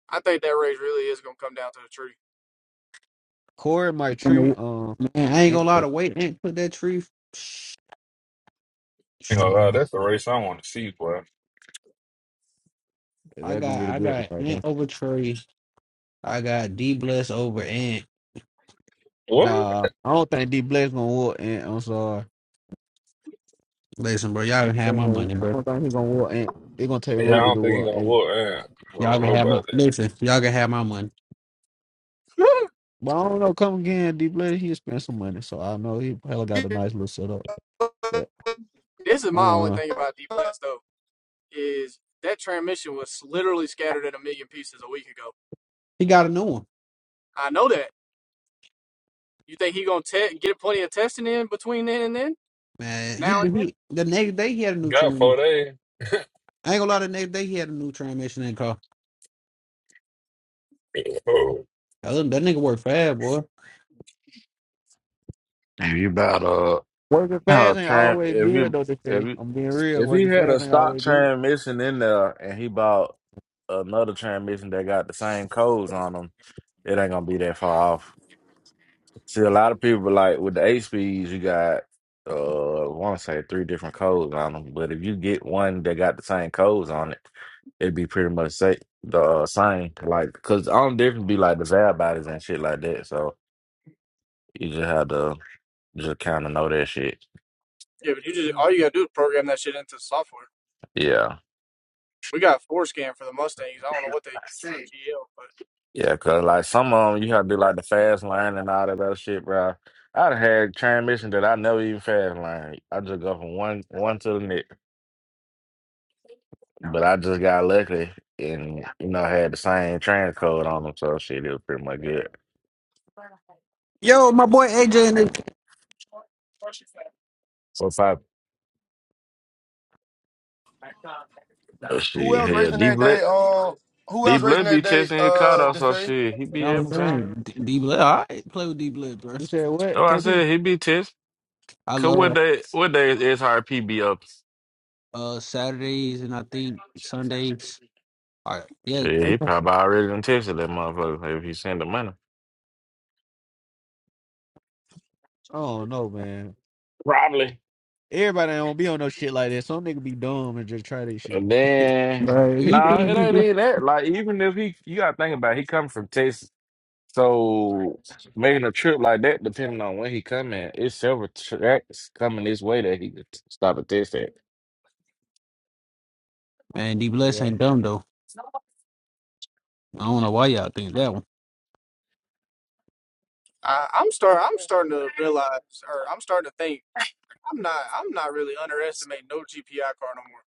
S5: I think that race really is gonna come down to the tree.
S13: Corey my
S3: And the,
S13: tree, um,
S3: man, I ain't
S13: Ant,
S3: gonna lie. The way Ant put that tree,
S14: You know, uh, that's the race I want to see, boy.
S3: I
S13: that gonna be
S3: got.
S13: the
S3: I
S13: good one
S3: got
S13: right
S3: Ant
S13: there.
S3: over Trey. I got D Bless over Ant.
S14: What?
S13: Nah, I don't think D Black's gonna walk Ant. I'm sorry.
S3: Listen, bro, y'all can
S13: I
S3: have
S13: don't
S3: my
S13: know-
S3: money,
S13: I
S3: bro.
S13: don't think he's gonna walk Ant. It's gonna take
S14: Yeah, I
S3: Y'all,
S13: Ruby
S14: don't
S13: to
S14: think he
S13: walk
S14: gonna
S13: Ant.
S14: look. Man. I
S3: y'all
S14: don't
S3: can
S14: know
S3: have my.
S14: about
S3: Listen, y'all can have my money.
S13: But I don't know. Come again, D Black. He spent some money, so I know he probably got a nice little setup. But
S5: this is
S13: I
S5: my only
S13: don't know.
S5: thing about D Blast though, is that transmission was literally scattered in a million pieces a week ago.
S3: He got a new one,
S5: I know that. You think he gonna te- get plenty of testing in between then and then?
S3: man. He
S5: Now and
S3: been
S5: then?
S3: he. The next day he had a
S14: that.
S3: new
S14: Got four
S3: transmission.
S14: days.
S3: I ain't gonna lie. The next day he had a new transmission in the car.
S14: Oh,
S3: That, little- that nigga work fast, boy.
S12: If you about uh
S13: Working
S12: uh,
S13: fast ain't
S12: tram
S13: always
S12: if
S13: good
S12: you
S13: though. They
S12: if
S13: say
S12: you
S13: I'm being real.
S12: if he
S13: Working
S12: had a
S13: fast ain't
S12: stock
S13: always good.
S12: transmission in there and he bought another transmission that got the same codes on them, it ain't gonna be that far off. See, a lot of people like with the eight speeds, you got uh, I want to say three different codes on them. But if you get one that got the same codes on it, it'd be pretty much say, the uh, same. Like, cause the only difference be like the valve bodies and shit like that. So you just have to just kind of know that shit.
S5: Yeah, but you just all you
S13: Mm-mm.
S5: gotta do is program that shit into software.
S12: Yeah,
S5: We got four scan for the Mustangs. I don't know what they use for GL, but
S12: yeah. Cause like some of them, you have to do like the fast line and all that other shit, bro. I'd had transmission that I never even fast line. I just go from one one to the next. But I just got lucky and, you know, had the same trans code on them, so shit, it was pretty much good.
S3: Yo, my boy AJ and the. You
S12: What's up? Oh,
S11: Who
S12: shit,
S11: else
S12: hell,
S11: racing
S12: D
S11: that
S12: Blood,
S11: day? Uh, who
S12: D
S11: else racing
S12: Blood be
S11: that day?
S12: testing his card
S11: Uh,
S12: out,
S11: to
S12: so
S11: say
S12: shit, he be
S3: know what I'm
S12: having time.
S3: saying? D Bless, all right, play with D Bless, bro.
S13: You said what,
S12: Oh, I
S13: KP?
S12: said he be test.
S3: I
S12: Cause what
S3: love
S12: day, what day is SRP be up?
S3: uh Saturdays and I think Sundays. All right, yeah.
S12: Shit, he probably already done tested that motherfucker if he send the money.
S13: I don't know, man. Everybody don't be on no shit like that. Some nigga be dumb and just try this shit.
S12: And then,
S3: But if you
S12: nah, it
S3: think D
S12: ain't
S3: Bless,
S12: even that. Like, even if he, you gotta think about it, he come from Texas, so. Making a trip like that, depending on when he coming, it's several tracks coming this way that he could stop and test at.
S3: man, D Bless
S13: yeah.
S3: ain't dumb though. I don't know why y'all think that one.
S5: I, I'm start I'm starting to realize, or I'm starting to think I'm not I'm not really underestimating no GPI car no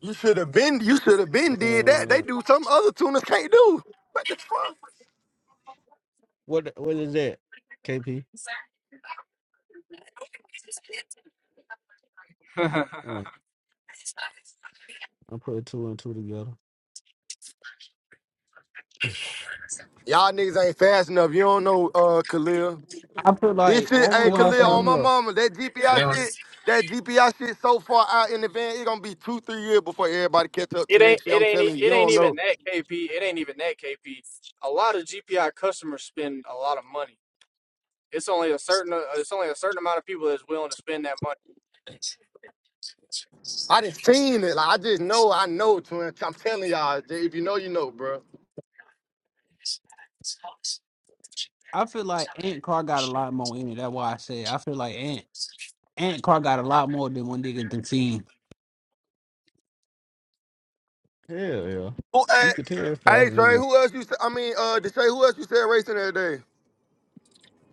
S11: you should have been. You should have been did that. They
S13: Uh,
S11: do something other tuners can't do. What the fuck?
S13: what what is that? KP.
S5: more.
S13: Uh, I'm putting two and two together.
S11: Y'all niggas ain't fast enough. You don't know uh Khalil.
S3: I feel
S11: This
S3: like
S11: shit,
S3: one
S11: hey
S3: reason
S13: Who
S3: why
S13: ain't
S11: Khalil,
S3: I
S13: fast
S3: say
S11: on my
S13: enough?
S11: mama, that GPI
S14: man.
S11: shit, that GPI shit so far out in the van, it gonna be two, three years before everybody catch up
S5: It
S11: to
S5: ain't
S11: that shit.
S5: it
S11: I'm
S5: ain't e-
S11: telling you, you
S5: it ain't
S11: don't
S5: even
S11: know.
S5: that KP. It ain't even that KP. A lot of GPI customers spend a lot of money. It's only a certain uh, it's only a certain amount of people that's willing to spend that money.
S11: I done seen it. Like I just know, I know, twin. I'm telling y'all, if you know, you know, bro.
S3: I feel like Ant Car got a lot more in it. That's why I say I feel like Ant Ant Car got a lot more than one nigga done seen.
S13: Hell yeah.
S11: Who, hey,
S13: You could tell it's faster
S11: hey,
S13: than
S11: Trey,
S13: that.
S11: who else you? Say, I mean, uh, Deshay, who else you said racing that day?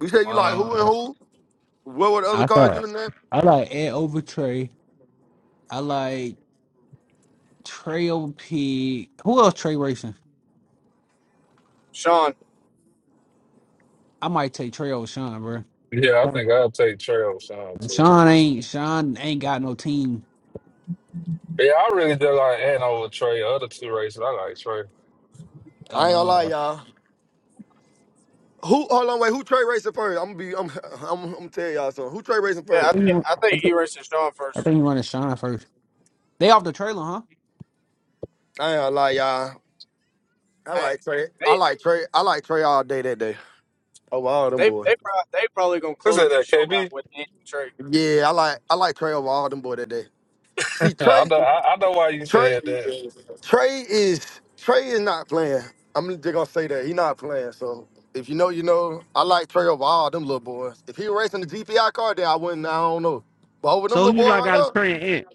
S11: You said you like who and
S3: Uh,
S11: who? What were the other
S3: I
S11: cars you
S3: thought
S11: in that?
S3: I like Ant over Trey. I like Trey over Pig. Who else Trey racing?
S5: Sean,
S3: I might take Trey over Sean, bro.
S14: Yeah, I think I'll take Trey over Sean too.
S3: Sean ain't Sean ain't got no team.
S14: Yeah, I really do like Ant over Trey. Other two races, I like Trey.
S11: I ain't gonna lie,
S3: Uh,
S11: y'all. Who? Hold on, wait. Who Trey racing first? I'm gonna be. I'm. I'm. I'm gonna tell y'all something. Who Trey racing
S3: I
S5: I
S11: first?
S3: think you
S5: think
S3: want,
S5: I
S3: I
S5: think
S3: think,
S5: E-Race and Sean
S3: I
S5: first.
S3: think you want to shine first. They off the trailer, huh?
S11: I ain't gonna lie, y'all. I
S5: I,
S11: like Trey. I
S5: they
S11: like Trey. I like Trey all day that day. Over all them
S5: they
S11: boys.
S5: they probably they probably gonna
S14: Who
S5: close
S14: said
S5: the
S14: that,
S5: show out
S14: KB?
S5: with Ant and Trey.
S11: Yeah, I like I like Trey over all them boys that day. See,
S14: Yeah, I
S11: Trey,
S14: know. I, I know why you
S11: Trey,
S14: said that.
S11: Trey is Trey is not playing. I'm just gonna say that he not playing. So if you know, you know. I like Trey over all them little boys. If he was racing the GPI car, then I wouldn't. I don't know. But over them
S13: So who
S11: little
S13: you
S11: boys
S13: like
S11: right
S13: got a
S11: there,
S13: train ant?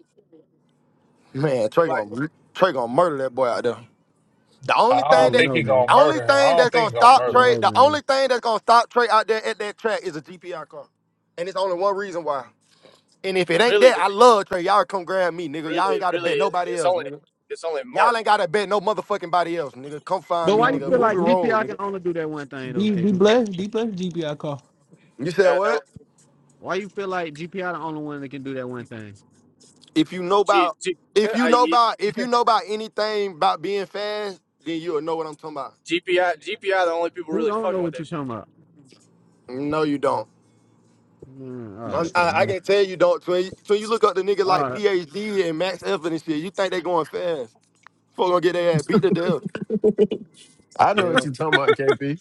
S11: man, Trey
S5: Like
S11: gonna Trey gonna murder that boy out there. The
S14: I
S11: only
S13: I
S11: thing
S14: don't
S13: don't
S11: that
S14: think
S13: know,
S14: he
S13: man.
S14: gonna
S11: only
S14: murder him. I
S11: thing
S14: don't
S11: that's
S14: think he
S11: gonna
S14: gonna
S13: I
S11: stop
S14: murder
S13: don't
S14: him.
S11: Trey,
S13: know,
S11: the
S13: man.
S11: only thing that's gonna stop Trey out there at that track is a GPR car. And it's only one reason why. And if it ain't
S5: really,
S11: that, I love Trey. Y'all come grab me, nigga. Y'all
S5: really,
S11: ain't gotta
S5: really,
S11: bet
S5: it-
S11: nobody
S5: it's
S11: else,
S5: only
S11: nigga.
S5: it's only
S11: Y'all
S5: Mark.
S11: ain't gotta bet no motherfucking body else, nigga. Come find
S13: But
S11: me,
S13: why
S3: No,
S13: you
S3: D
S11: nigga.
S13: feel
S11: Ruby
S13: like
S3: D
S11: Road,
S13: GPI can
S11: nigga.
S13: only do that one thing though,
S3: D D
S13: KP?
S3: bless D bless GBI call.
S11: You said
S5: That that was-
S11: what?
S13: Why you feel like GPI the only one that can do that one thing?
S11: If you know
S5: G,
S11: about
S5: G,
S11: if you
S5: I,
S11: know about if you know about anything about being fast, then you'll know what I'm talking about.
S5: GPI GPI the only people
S13: Who
S5: really
S13: don't
S5: fucking
S13: know
S5: with
S13: what you
S5: that shit.
S13: talking about?
S11: No, you don't.
S13: Mm, all
S3: Yeah,
S13: right.
S11: I'm,
S3: shit,
S11: I, I
S3: man.
S11: can tell you, dog. When you, when you look up the nigga
S13: All
S11: like
S13: right.
S11: PhD and Max Effort and shit, you think they going fast. Folk gonna get their ass beat to death.
S15: I know what
S13: Yeah.
S15: you talking about, KP.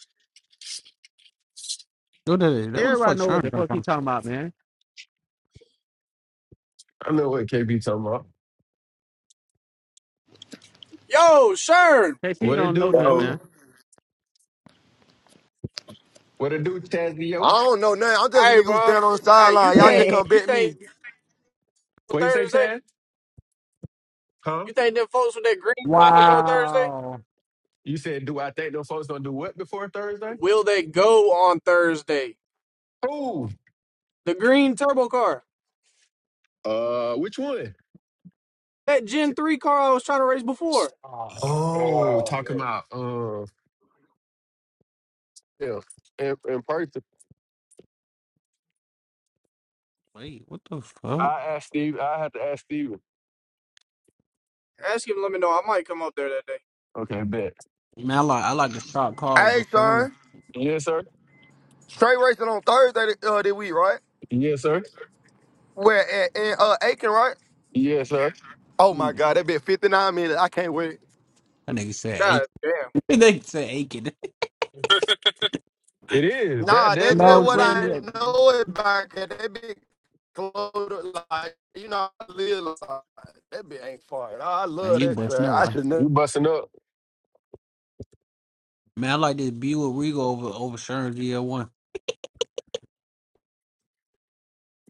S3: What the, that where the fuck
S13: Everybody know what
S3: Shine
S13: the
S3: come
S13: fuck he
S3: from?
S13: talking about, man.
S15: I know what KP talking about.
S5: Yo, Shern,
S13: KP
S15: What it
S13: don't know
S15: do,
S13: nothing,
S16: go.
S13: man.
S15: fool? What it do, Chazio?
S11: I don't know nothing. I'm just a
S5: Hey,
S11: nigga who
S5: bro.
S11: stand on the
S5: Hey, you
S11: sideline. Y'all just
S5: think
S11: come
S5: you
S11: bet
S5: think
S11: me.
S15: What you say,
S5: Thursday?
S15: Chaz? Huh?
S5: You think them folks with that green car will go Thursday?
S3: Wow.
S15: You said, do I think those folks gonna do what before Thursday?
S5: Will they go on Thursday?
S15: Who?
S5: The green turbo car,
S15: Uh, which one?
S5: that Gen three car I was trying to race before.
S14: Oh my
S15: Oh,
S14: God,
S15: talking about uh, yeah, in, in person.
S3: Wait, what the fuck?
S15: I asked Steve. I had to ask Steven.
S5: Ask him. Let me know. I might come up there that day.
S15: Okay, bet.
S3: Man, I like I like the shot call
S11: Hey,
S3: with Shine.
S11: son,
S15: Yes, sir.
S11: straight racing on Thursday th- uh, this week, right?
S15: Yes, sir.
S11: Where at, in uh, Aiken, right?
S15: Yes, sir.
S11: Oh my
S3: That
S11: God, that been 59 minutes. I can't wait.
S3: nigga said
S5: God
S3: Aiken.
S5: damn.
S3: that nigga said Aiken.
S15: It is. That
S11: Nah,
S15: damn
S11: that's
S3: no,
S11: just
S3: I'm
S15: is
S11: what
S15: what it
S3: saying
S11: I
S15: is.
S3: that.
S11: know about. 'cause That bit close, like you know, I live like that bit ain't far. I
S3: Man,
S11: love
S3: you
S11: that
S3: bust
S11: track.
S3: no
S11: I
S3: one.
S11: should never.
S15: You busting up.
S3: Man, I like this Buick Regal over over Sharon GL1.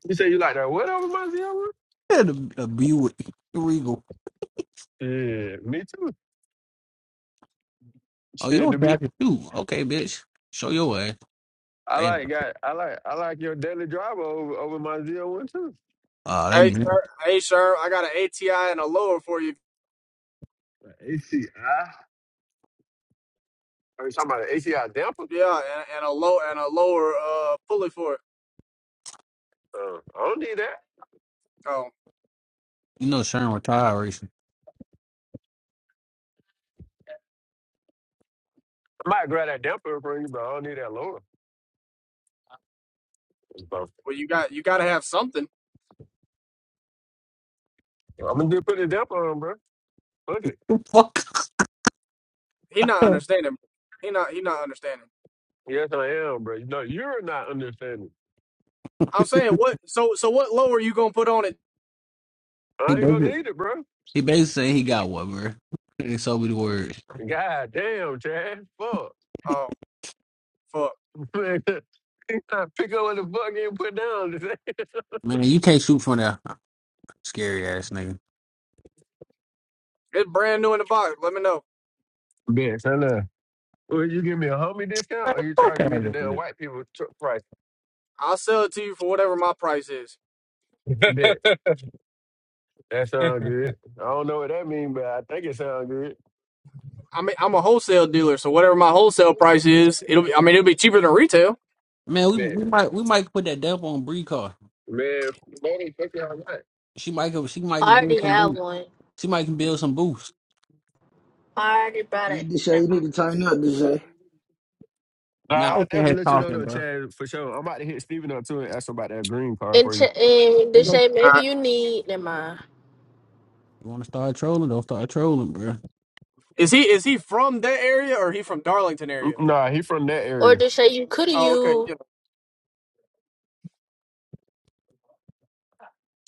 S15: You say you like that. What over my
S3: Yeah, the a Buick Regal.
S15: Yeah, me too.
S3: Oh, you
S15: Shit,
S3: don't
S15: to be
S3: have to shoot. Okay, bitch. Show your ass.
S15: I
S3: Damn.
S15: like got I like I like your daily driver over, over my zo one too.
S3: Uh, that
S5: Hey,
S3: means
S5: sir. Hey, sir. I got an ATI and a lower for you.
S15: ACI. Are you talking about an ACI damper?
S5: Yeah, and, and a low and a lower uh pulley for it.
S15: Uh, I don't need that.
S5: Oh,
S3: you know Sharon retired recently.
S15: I might grab that damper for you, but I don't need that lower. So,
S5: well, you got you got to have something.
S15: I'm gonna just put the damper on, bro. Look it.
S3: Fuck.
S5: He not understanding. He not he not understanding.
S15: Yes, I am, bro. No, you're not understanding.
S5: I'm saying what? So so what lower you gonna put on it?
S3: He
S15: I ain't
S3: basically
S15: gonna need it, bro.
S3: he basically saying he got what, bro. And so be the word.
S15: God damn, Chad. Fuck.
S5: Oh. Fuck.
S15: Man, you gotta pick up what the fuck you put down today.
S3: Man, you can't shoot from that scary ass nigga.
S5: It's brand new in the box. Let me know.
S15: Bitch, I know. Will you give me a homie discount
S3: Man,
S15: or you
S3: fuck
S15: charging
S3: out
S15: me the
S3: of
S15: damn
S3: here.
S15: white people tr- price?
S5: I'll sell it to you for whatever my price is.
S15: Bet.
S14: bro.
S15: That sound good. I don't know what that means, but I think it sounds good.
S5: I mean, I'm a wholesale dealer, so whatever my wholesale price is, it'll be. I mean, it'll be cheaper than retail.
S3: Man, we,
S15: Yeah,
S3: we might we might put that dump on Bree car.
S15: man, man, Bodie, fuck y'all right.
S3: She might go- she might can
S17: I
S3: build
S17: already
S3: some
S17: have
S3: boost.
S17: one.
S3: She might can build some boost.
S17: I already brought
S18: Hey,
S17: it.
S18: Deshae,
S17: Never
S18: you need
S17: mind.
S18: to tighten up, Deshae.
S15: Nah,
S3: Man, I
S15: I'll
S3: was in
S15: definitely
S3: here
S15: let you know
S3: talking,
S15: though,
S3: bro.
S15: Chad, for sure. I'm about to hit Steven up too and ask him about that green car
S17: And,
S15: for
S17: ch-
S15: you.
S17: and
S3: They go,
S17: Deshae,
S3: you
S5: All
S17: maybe
S5: right.
S17: you need. Never mind.
S3: want to start trolling? Don't start trolling, bro.
S5: Is he is he from that area or he from Darlington
S15: Mm,
S5: area?
S15: mm, Nah, he from that
S17: Or
S15: area.
S17: Deshae, you could have
S5: Oh, okay.
S17: used.
S5: Yeah,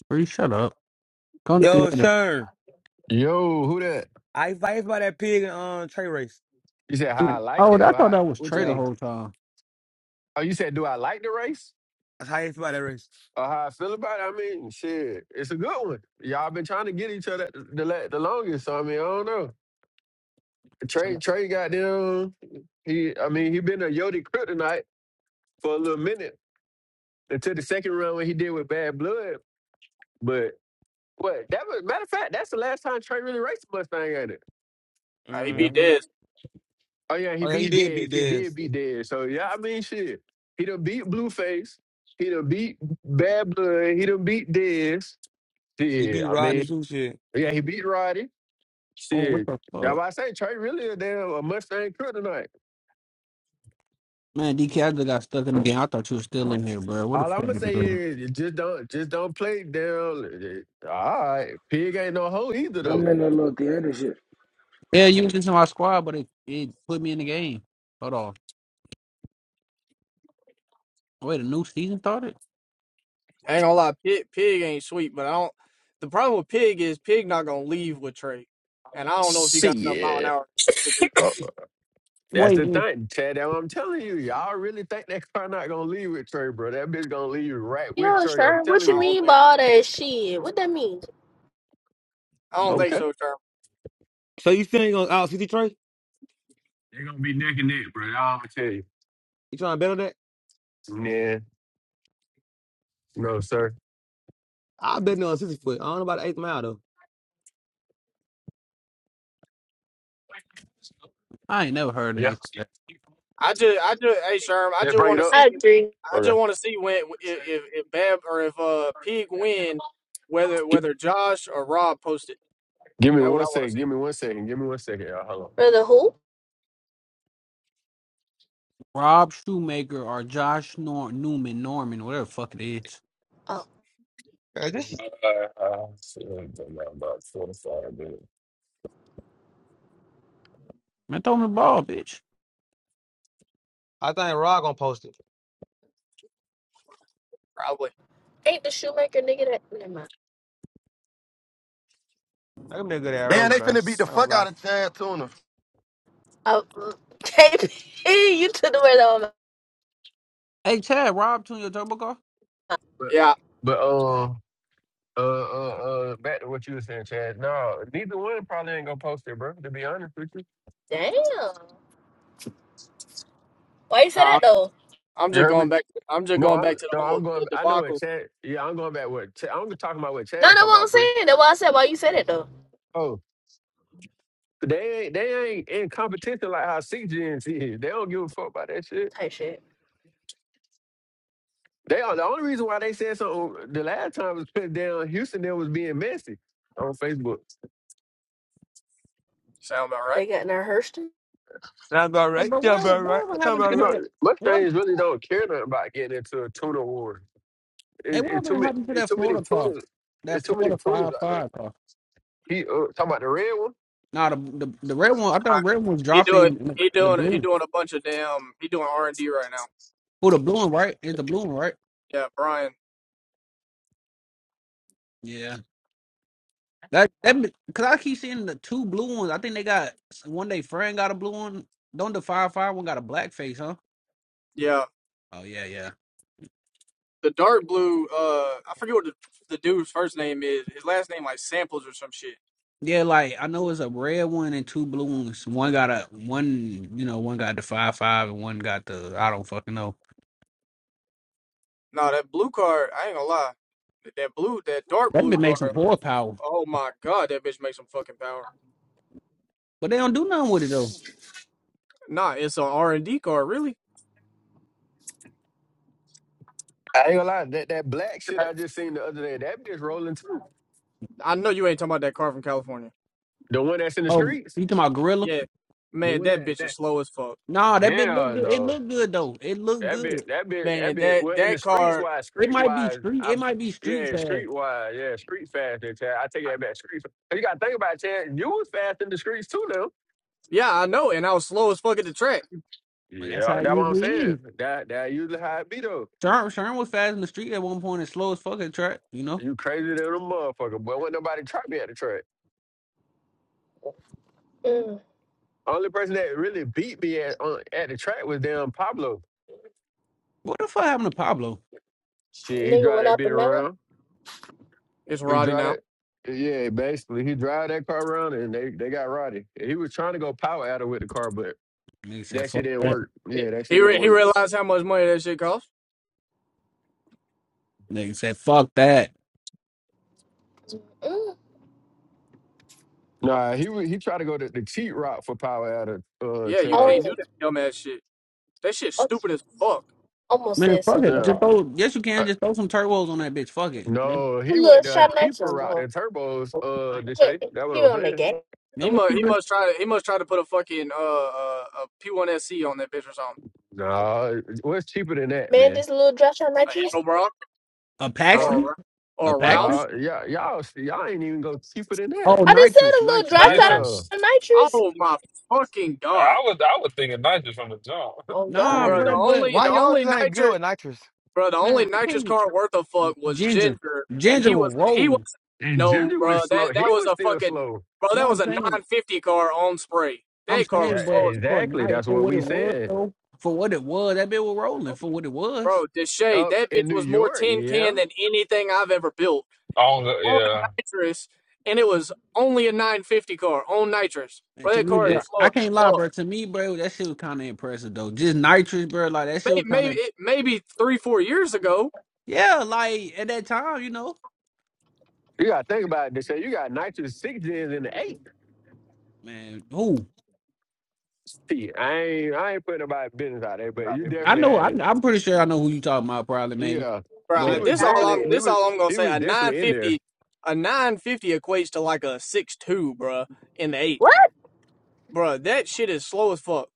S3: Bree, shut up. Come to
S19: Yo,
S3: the other.
S19: sure.
S15: Yo, who that?
S19: I I asked about that pig and um Trey race.
S15: You said how I like
S3: Oh,
S15: it
S3: I
S15: or
S3: thought
S15: how
S3: that was
S15: what you
S3: Trey the
S19: Yeah,
S15: mean?
S3: whole time.
S15: Oh, you said do I like the race?
S19: that's how I asked about that race.
S15: Or how I feel about it? I mean, shit, it's a good one. Y'all been trying to get each other the la- the longest, so I mean, I don't know.
S3: Shut
S15: Trey
S3: up.
S15: Trey got them he I mean, he been a Yodi kryptonite for a little minute until the second run when he did with Bad Blood. But what that was matter of fact, that's the last time Trey really raced a Mustang at it.
S5: Nah, he
S3: Yeah.
S5: be
S19: hmm
S5: dead.
S15: Oh yeah, he
S19: Oh yeah, he
S15: beat
S19: did
S15: Dez.
S19: beat
S15: He
S19: Dez.
S15: did beat Dez. So yeah, I mean shit. He done beat Blueface. He done beat Bad Blood. He done beat Dez.
S19: He
S15: Shit.
S19: beat
S15: I
S19: Rodney
S15: mean,
S19: too. Shit.
S15: yeah, he beat Roddy.
S3: Oh, what
S15: Shit.
S3: the
S15: That's
S3: fuck?
S15: why I say Trey really a damn a Mustang crew tonight.
S3: Man, DK, I just got stuck in the game. I thought you were still in here, bro. What the
S15: All I'm
S3: fuck
S15: gonna
S3: did you
S15: say
S3: do?
S15: is you just don't just don't play down. All right, pig ain't no hoe either
S18: I'm
S15: though.
S18: in that little theater shit.
S3: Yeah, you was just in my squad, but it, it put me in the game. Hold on. Wait, a new season started?
S5: I ain't gonna lie, pig, pig ain't sweet, but I don't. The problem with pig is pig not gonna leave with Trey, and I don't know if he got enough mile an
S15: Shit.
S5: hour to keep
S15: Oh.
S5: up.
S15: That's
S3: Wait,
S15: the thing, Chad. That's what I'm telling you. Y'all really think that car not gonna leave with Trey, bro? That bitch gonna leave right with
S17: Yo,
S15: Trey. I'm
S17: sure. What
S15: telling
S5: I
S17: you
S15: you.
S5: don't
S17: mean by
S5: think.
S17: all that shit? What that mean?
S5: I don't
S3: wait.
S5: think
S15: Okay.
S5: so, Trey.
S19: So you still ain't gonna out sixty Trey?
S15: They're gonna be neck and neck, bro. I'm gonna tell you.
S19: You trying to bet on that?
S15: Yeah. No, sir.
S19: I bet no on sixty foot. I don't know about the eighth mile though.
S3: I ain't never heard a
S15: Yeah.
S3: nigga say that.
S5: I just, I just, hey Sherm, I
S15: Yeah.
S5: just
S15: Bring it
S5: want to
S15: up.
S5: see,
S17: I agree.
S5: I
S15: Okay.
S5: just want to see when if if if Bab or if uh Pig win, whether
S15: Gi-
S5: whether Josh or Rob post it.
S15: Give me
S5: That what I
S15: one
S5: want
S15: second.
S5: to
S15: Give
S5: see,
S15: me one second. Give me one second, y'all. Hold on.
S17: For the who?
S3: Rob Shoemaker or Josh Nor- Newman, Norman, whatever the fuck it is.
S17: Oh,
S19: Hey, this-
S14: Uh, I don't know about 45 minutes.
S3: Man, throw me the ball, bitch.
S19: I think Rod gonna post it.
S5: probably.
S17: ain't the shoemaker nigga that? Never mind.
S19: That gonna be a good ass
S11: Man,
S19: race,
S11: they
S19: bro. I
S11: finna beat
S19: ain't
S11: the
S19: gonna
S11: fuck
S19: lie.
S11: out of Chad Tuna.
S17: Oh, mm. KP, you took the word out of my
S3: Hey, Chad, Rob tune your turbo car?
S15: But
S5: Yeah,
S15: but
S3: Oh.
S15: um uh uh uh back to what you were saying, Chad. No, neither one probably ain't gonna post it, bro. To be honest with you,
S17: Damn. Why you say that
S5: nah,
S17: though?
S5: I'm
S15: you
S5: just
S15: heard me.
S5: going back. I'm just
S15: No,
S5: going back
S15: I'm
S5: to
S15: no,
S5: the whole
S15: I'm going.
S5: the
S15: I know what
S5: debacle.
S15: Chad. Yeah, I'm going back. with. Chad, I'm talking about? What
S17: No, that's
S15: Chad talking
S17: what I'm
S15: about? Bree.
S17: saying. That's why I said why you said it though.
S15: Oh, they ain't they ain't in competition like how six gens is. They don't give a fuck about that shit.
S17: Type shit.
S15: They are the only reason why they said something the last time was because down Houston there was being messy on Facebook.
S5: Sound about right?
S17: They got in their Hurston.
S19: Sound about
S3: Hey,
S19: right.
S3: but
S19: Sound
S3: whatever,
S19: about right.
S3: whatever
S19: Sound
S3: happened
S19: about
S3: to
S15: You
S19: right.
S15: know,
S3: that? Whatever,
S15: Mustangs really don't care nothing about getting into a tuna war.
S3: hey,
S15: It's it it
S3: whatever
S15: too many.
S3: happened to
S15: It's
S3: that
S15: too many
S3: Florida car?
S15: tunas.
S3: That
S15: It's too many
S3: Florida
S15: tunas
S3: 5
S15: out there.
S3: 5 car?
S15: He uh, talking about the red one.
S3: Nah, the, the, the red one, I thought
S5: All
S3: the
S5: right.
S3: red one was
S5: He doing,
S3: dropping
S5: he
S3: the
S5: doing, he
S3: blue.
S5: doing a bunch of damn. He doing R and D right now.
S3: For the blue one, right? It's the blue one, right?
S5: Yeah, Brian.
S3: Yeah. That that because I keep seeing the two blue ones. I think they got one day Fran got a blue one. Don't the five five one got a black face, huh?
S5: Yeah,
S3: Oh yeah, yeah.
S5: the dark blue. Uh, I forget what the, the dude's first name is. His last name like samples or some shit.
S3: Yeah, like I know it's a red one and two blue ones. One got a one, you know, one got the five five and one got the I don't fucking know.
S5: No, that blue car. I ain't gonna lie. That blue, that dark
S3: That
S5: blue
S3: bit
S5: car.
S3: makes some horsepower,
S5: Oh my god, that bitch makes some fucking power.
S3: but they don't do nothing with it though.
S5: Nah, it's an R and D car, really.
S15: I ain't gonna lie. That that black shit I just seen the other day. That bitch rolling too.
S5: I know you ain't talking about that car from California.
S15: The one that's in the
S3: Oh,
S15: streets?
S3: you talking about gorilla?
S5: Yeah,
S15: The
S5: man,
S15: one
S5: that
S15: that
S5: bitch is
S15: that
S5: slow as fuck.
S3: Nah, that bit look
S15: Yeah,
S3: good. It
S15: no.
S3: look good though. It look
S15: That
S3: good.
S15: bit that bit that
S5: Man,
S15: bit
S5: that
S15: well in the
S5: that
S15: streets
S5: car.
S15: wise,
S3: It
S15: street
S3: might be
S15: wise,
S3: street.
S15: I
S3: It might be street
S15: yeah,
S3: fast,
S15: street wise, yeah, street faster, Chad. I take that back street. fa- And You gotta think about it, Chad. You was fast in the streets too now.
S5: Yeah, I know, and I was slow as fuck at the track.
S3: but that's
S15: Yeah,
S3: how it
S15: that's what I'm
S3: usually is.
S15: saying. That that usually how it be though.
S3: Sherm, Sherm was fast in the street at one point and slow as fuck at track, you know?
S15: You crazy little motherfucker, boy. Wasn't nobody try me at the track.
S17: Mm.
S15: Only person that really beat me at on, at the track was damn Pablo.
S3: What the fuck happened to Pablo?
S15: Shit, he
S17: Nigga
S15: drive
S17: went
S15: that
S17: out
S15: bit
S17: the mouth.
S15: around.
S5: It's
S15: He
S5: Roddy
S15: drive
S5: now.
S15: that. Yeah, basically, he drive that car around and they, they got Roddy. He was trying to go power at her with the car, but
S3: Nigga said,
S15: that
S3: fuck
S15: shit didn't
S5: He
S3: that.
S15: work.
S5: he,
S15: Yeah, that shit
S5: he
S15: didn't
S5: re- he
S15: work.
S5: realized how much money that shit costs.
S3: Nigga said, fuck that.
S17: Mm.
S15: Nah, he wa- he tried to go the, the cheat route for power at her, uh,
S5: Yeah, you
S15: Chad.
S17: Oh,
S5: can't do that
S17: yeah.
S5: dumb ass shit. That shit's stupid as fuck.
S17: almost
S3: Man,
S17: said
S3: fuck it.
S17: something
S15: Yeah.
S3: Just
S17: like,
S3: throw, yes, you
S15: Uh,
S3: can. Just throw some turbos on that bitch. Fuck it. That,
S15: no, he
S17: "Little
S15: went the
S17: shot nitrous
S15: cheaper
S17: on the
S15: route
S17: hole."
S15: than turbos, uh, to say.
S17: But
S15: That what
S17: he
S15: I'm
S17: on the
S15: saying.
S17: game,
S5: He
S3: no, it's
S5: must he
S3: cheaper.
S5: must try to he must try to put a fucking uh, uh a P1SC on that bitch or something.
S15: Nah, what's cheaper than that,
S17: man.
S15: man?
S17: This little drop shot
S5: A Ed
S17: nitrous.
S5: O'Brien.
S3: A
S15: Huh?
S3: Paxton?
S5: or
S3: A
S5: or
S3: Paxton?
S5: Ralphs.
S15: Nah, yeah, y'all, y'all ain't even go cheaper than that.
S3: Oh,
S17: I just said
S3: nitrous,
S17: a little drop
S3: nitrous.
S17: shot
S15: Yeah,
S14: Nitrous.
S17: of nitrous.
S5: Oh my fucking
S14: I
S5: god,
S14: was I was thinking nine just from the jump.
S17: Oh
S3: Nah,
S17: God,
S5: bro! The
S3: bro,
S15: yeah.
S5: only
S3: but,
S19: Why
S5: the
S3: but,
S19: y'all
S5: only
S19: just ain't good
S5: nitrous,
S19: with nitrous?
S5: bro, the only
S3: man, I
S5: nitrous
S3: can't.
S5: car worth a fuck was
S3: Ginger.
S5: Ginger, and
S3: Ginger
S5: he
S3: was
S5: was he was
S3: rolling.
S15: And
S5: no,
S15: Ginger
S5: bro.
S15: was
S5: That
S15: slow.
S5: that
S15: He
S5: was
S15: was
S5: a
S15: still
S5: fucking
S15: slow.
S5: bro.
S3: You know
S5: That
S3: what
S5: was
S3: I'm
S5: a
S3: saying?
S5: nine fifty car on spray.
S3: I'm
S5: That car
S3: saying,
S5: was
S15: That
S5: slow
S3: but
S5: as
S3: for
S5: fuck,
S15: exactly.
S3: night,
S15: That's
S3: for
S15: what
S3: what
S15: we
S3: it was,
S15: said
S3: though, for what it was, that bitch was rolling for what it was.
S5: bro. Deshay,
S15: up
S5: that
S15: in
S5: bitch
S15: New
S5: was more
S15: York.
S5: tin can
S15: Yeah,
S5: than anything I've ever built
S14: Oh go-
S5: on
S14: yeah.
S5: nitrous, and it was only a nine fifty car on nitrous.
S3: And
S5: Bro,
S3: to
S5: that
S3: me,
S5: car is
S3: bro,
S15: it,
S5: slow
S3: I
S5: as
S3: can't lie,
S5: fuck.
S3: bro. To me, bro, that shit was kind of impressive though. Just nitrous, bro. Like that shit
S5: Maybe
S3: was kind
S5: maybe,
S3: of
S5: it, maybe three four years ago
S3: yeah. Like at that time, you know,
S15: you got to think about it. They say you got nitrous six gens in the eight.
S3: man. Who
S15: See, I ain't I ain't putting nobody's business out there, but you
S3: I
S15: definitely
S3: know, I,
S15: had it.
S3: I'm pretty sure I know who you talking about, probably maybe.
S15: Yeah, he
S5: Bro,
S3: But
S15: was
S5: this
S17: I,
S5: all I'm
S15: definitely he
S5: this
S15: was
S5: all I'm gonna
S15: he
S5: say.
S15: was
S5: A nine
S15: definitely in there.
S5: fifty, a nine fifty equates to like a six two, bro. in the eighth,
S17: what?
S5: bro. That shit is slow as fuck.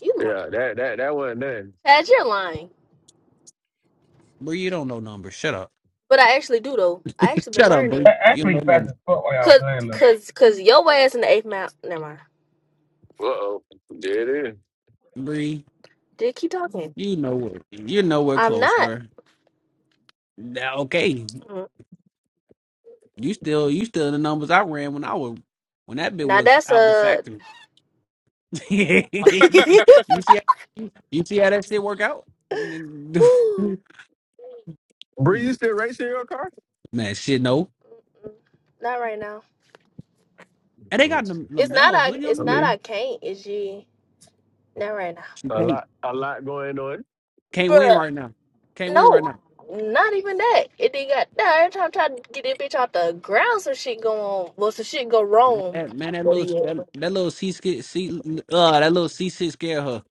S17: You
S15: Yeah,
S17: lying?
S15: that that that wasn't nothing.
S17: Chad, you're lying.
S3: bro, you don't know numbers. Shut up.
S17: But I actually do though. I actually been
S3: Shut up,
S17: learning.
S3: bro.
S19: That
S3: You
S19: actually
S3: don't know
S19: fast
S3: numbers,
S19: as fuck while y'all
S17: Cause,
S19: playing,
S17: cause, cause your ass in the eighth mount. Never mind.
S15: Uh oh, there it is.
S3: Bree.
S17: Did keep talking.
S3: You know what? You're nowhere
S17: I'm
S3: close,
S17: not.
S3: bro. Now, okay,
S17: Mm.
S3: you still you still in the numbers I ran when I was when that bit
S17: Now
S3: was
S17: that's
S3: out the
S17: a.
S3: factory. you, you see, how- you see how that shit work out,
S15: Bree, you
S3: man.
S15: still racing your car?
S3: Shit, no,
S17: not right now.
S3: and they got
S15: Let's
S3: Lam-
S15: see.
S17: It's not.
S3: Lamelo. Who
S17: I.
S3: do you
S17: It's
S15: I
S17: not. I
S15: mean,
S17: can't. It's you. Not right now.
S3: She
S15: a
S3: can't
S15: lot a lot going on.
S3: can't win
S17: Bruh,
S3: right now. Can't win right
S17: no,
S3: now.
S17: not even that. It did got nah, every time I try to get that bitch off the ground, some shit go on. Well, some shit go
S3: Man,
S17: wrong.
S3: that, man, that
S17: But
S3: little
S17: yeah,
S3: that, that little C six, C uh that little C six scared her.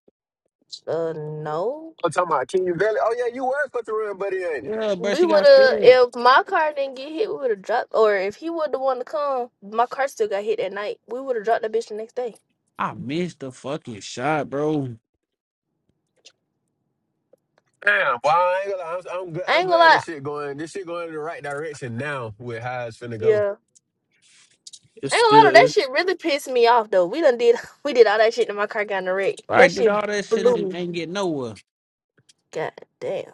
S17: uh, no.
S15: I'm talking about King Valley. Oh yeah, you were supposed to run, buddy, ain't it?
S3: Yeah, bro,
S17: We
S3: she
S17: would
S3: got
S17: have,
S3: scared.
S17: if my car didn't get hit, we would have dropped, or if he would the one to come, my car still got hit that night, we would have dropped the bitch the next day.
S3: I missed the fucking shot, bro.
S15: Damn, boy, I ain't gonna lie. I'm, I'm, gl-
S17: I
S15: I'm
S17: ain't gonna
S15: glad
S17: lie.
S15: this shit going. This shit going in the right direction now with how it's finna go.
S17: Yeah.
S5: It
S17: I ain't gonna lie,
S5: still
S17: though, that
S5: is,
S17: shit really pissed me off, though. We done did, we did all that shit and my car got in the wreck.
S3: All
S17: That
S3: right, did
S17: shit
S3: all that shit
S17: blew
S3: and
S17: me.
S3: ain't get nowhere.
S17: God damn.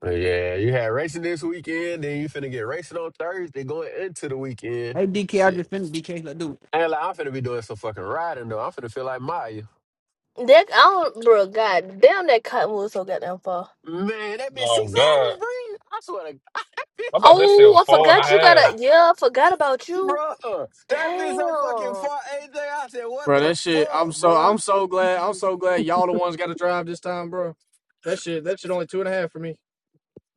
S15: But yeah, you had racing this weekend, then you finna get racing on Thursday going into the weekend.
S3: Hey, DK, I
S15: Shit,
S3: just finished DK. Let's do it.
S15: and like, I'm finna be doing some fucking riding though. I'm finna feel like Maya.
S17: That I don't, bro. God damn, that cottonwood so goddamn far.
S15: Man, that been
S14: Oh
S15: six
S14: God.
S15: hours, bro. I swear to God,
S14: I thought that
S17: Oh,
S14: still
S17: I
S14: four and a
S17: forgot you got to
S14: half.
S15: that
S17: Yeah, I forgot about
S15: bitch,
S17: you.
S15: bro.
S17: Damn,
S15: That bitch so fucking far. AJ, I said, what
S5: bro.
S15: the
S5: That shit. I'm
S15: fuck,
S5: so
S15: bro?
S5: I'm so glad. I'm so glad y'all the ones got to drive this time, bro. That shit. That shit only two and a half for me.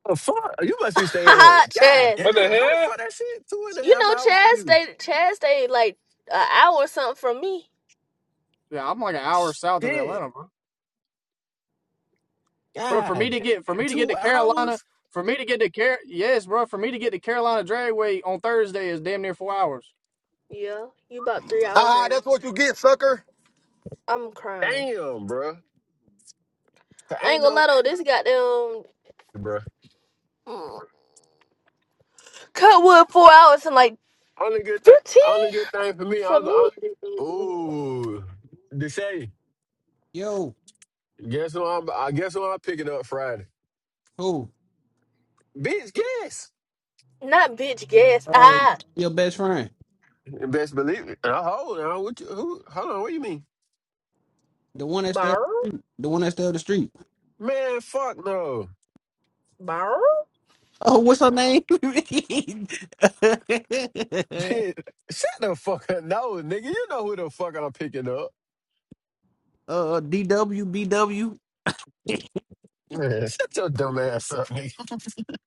S15: The fuck? You must be staying on. God
S17: Chaz.
S15: damn,
S14: What the
S15: how the
S14: hell?
S15: fuck that shit? Two and a
S17: You
S15: half
S17: know,
S15: hours for
S17: Chaz
S15: you.
S17: stayed. Chaz stayed like an hour or something from me.
S5: Yeah, I'm like an hour south of
S15: Shit.
S5: Atlanta, bro. Bro, for me
S15: God,
S5: to get for
S15: damn,
S5: me to get
S15: two
S5: to Carolina,
S15: hours?
S5: for me to get to Car, yes, bro. For me to get to Carolina Dragway on Thursday is damn near four hours.
S17: Yeah, you about three hours
S11: Ah,
S17: in.
S11: that's what you get, sucker.
S17: I'm crying.
S15: Damn, bruh. 'Cause
S17: I ain't
S15: ain't
S17: gonna
S15: no,
S17: lie though. This goddamn
S15: bruh.
S17: mm, cutwood four hours and like
S15: Only good thing,
S17: fifteen
S15: only good thing for me. I'm
S17: from me.
S15: going. Ooh, to say,
S3: Yo,
S15: guess who I'm? I guess who I'm picking up Friday.
S3: who?
S15: Bitch, guess.
S17: Not bitch gas.
S3: Uh,
S17: Ah,
S3: your best friend.
S15: Best believe it. Uh, hold on, what you, who? Hold on, what you mean?
S3: The one that stay
S17: bar
S3: the one that stay up the street.
S15: Man, fuck no.
S17: bar.
S3: Oh, what's her name? uh,
S15: Bitch, shut the fuck up, no, nigga. You know who the fuck I'm picking up.
S3: DWBW.
S15: Man, shut your dumb ass up, nigga.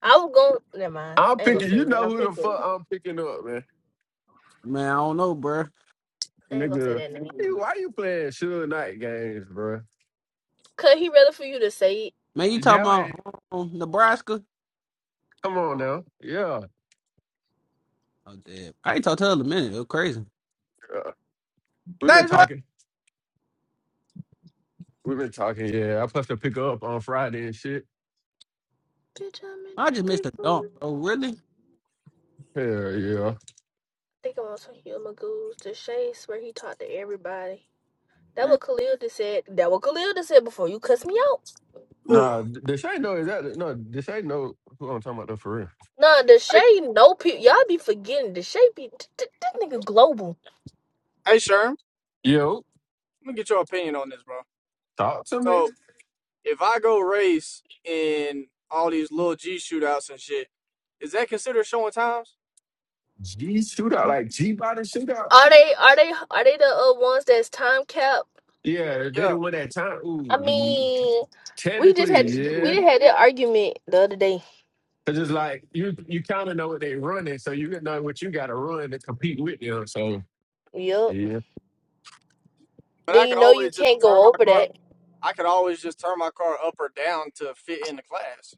S17: I was going. Never mind.
S15: I'm
S17: I ain't gonna
S15: picking.
S17: say
S15: You
S17: what
S15: know
S17: I'm
S15: who the
S17: thinking.
S15: fuck I'm picking up, man.
S3: Man, I don't know, bruh.
S17: I ain't gonna say
S15: Nigga,
S17: that
S15: why you,
S17: name.
S15: why you playing Suge Knight games, bro?
S17: Cause he rather for you to say it?
S3: Man, you talking
S15: That way,
S3: about um, Nebraska?
S15: come on now. Yeah,
S3: Oh, damn. I ain't talked to her in a minute. It was crazy.
S15: yeah. We've been
S3: That's right.
S15: talking. We've been talking, yeah. I supposed to pick her up on Friday and shit.
S17: Bitch, I'm in
S3: I
S17: the
S3: just
S17: street
S3: missed a dunk,
S17: food. I
S3: bro. Really?
S15: Hell yeah.
S17: Think I want some human goose to chase where he talked to everybody. That
S3: Man,
S17: what Khalil just said. That what Khalil just said before you cuss me out.
S5: Ugh.
S15: Nah, th- this ain't no exactly. No, this ain't no who I'm talking about though for real.
S17: Nah, the
S5: Hey,
S17: Shay no people. Y'all be forgetting the Shay be th- th- that nigga global.
S5: hey, Sherm, let
S15: Yo,
S5: me get your opinion on this, bro.
S15: talk to me.
S5: So If I go race in all these little G shootouts and shit, is that considered showing times?
S15: G shootout, like G body shootout.
S17: Are they? Are they? Are they the uh, ones that's time cap?
S15: Yeah, they the
S5: Yeah,
S15: one that time. Ooh,
S17: I
S15: ye-
S17: mean, we just had
S15: technically,
S17: we
S15: yeah.
S17: just had that argument the other day.
S15: Cause it's like you you kind of know what they running, so you know what you got to run to compete with them. So
S17: Yup.
S15: yeah.
S5: but
S17: Then
S5: I
S17: you
S5: could
S17: know you
S5: always just
S17: can't
S5: turn
S17: go
S5: my
S17: over
S5: car.
S17: that.
S5: I could always just turn my car up or down to fit in the class.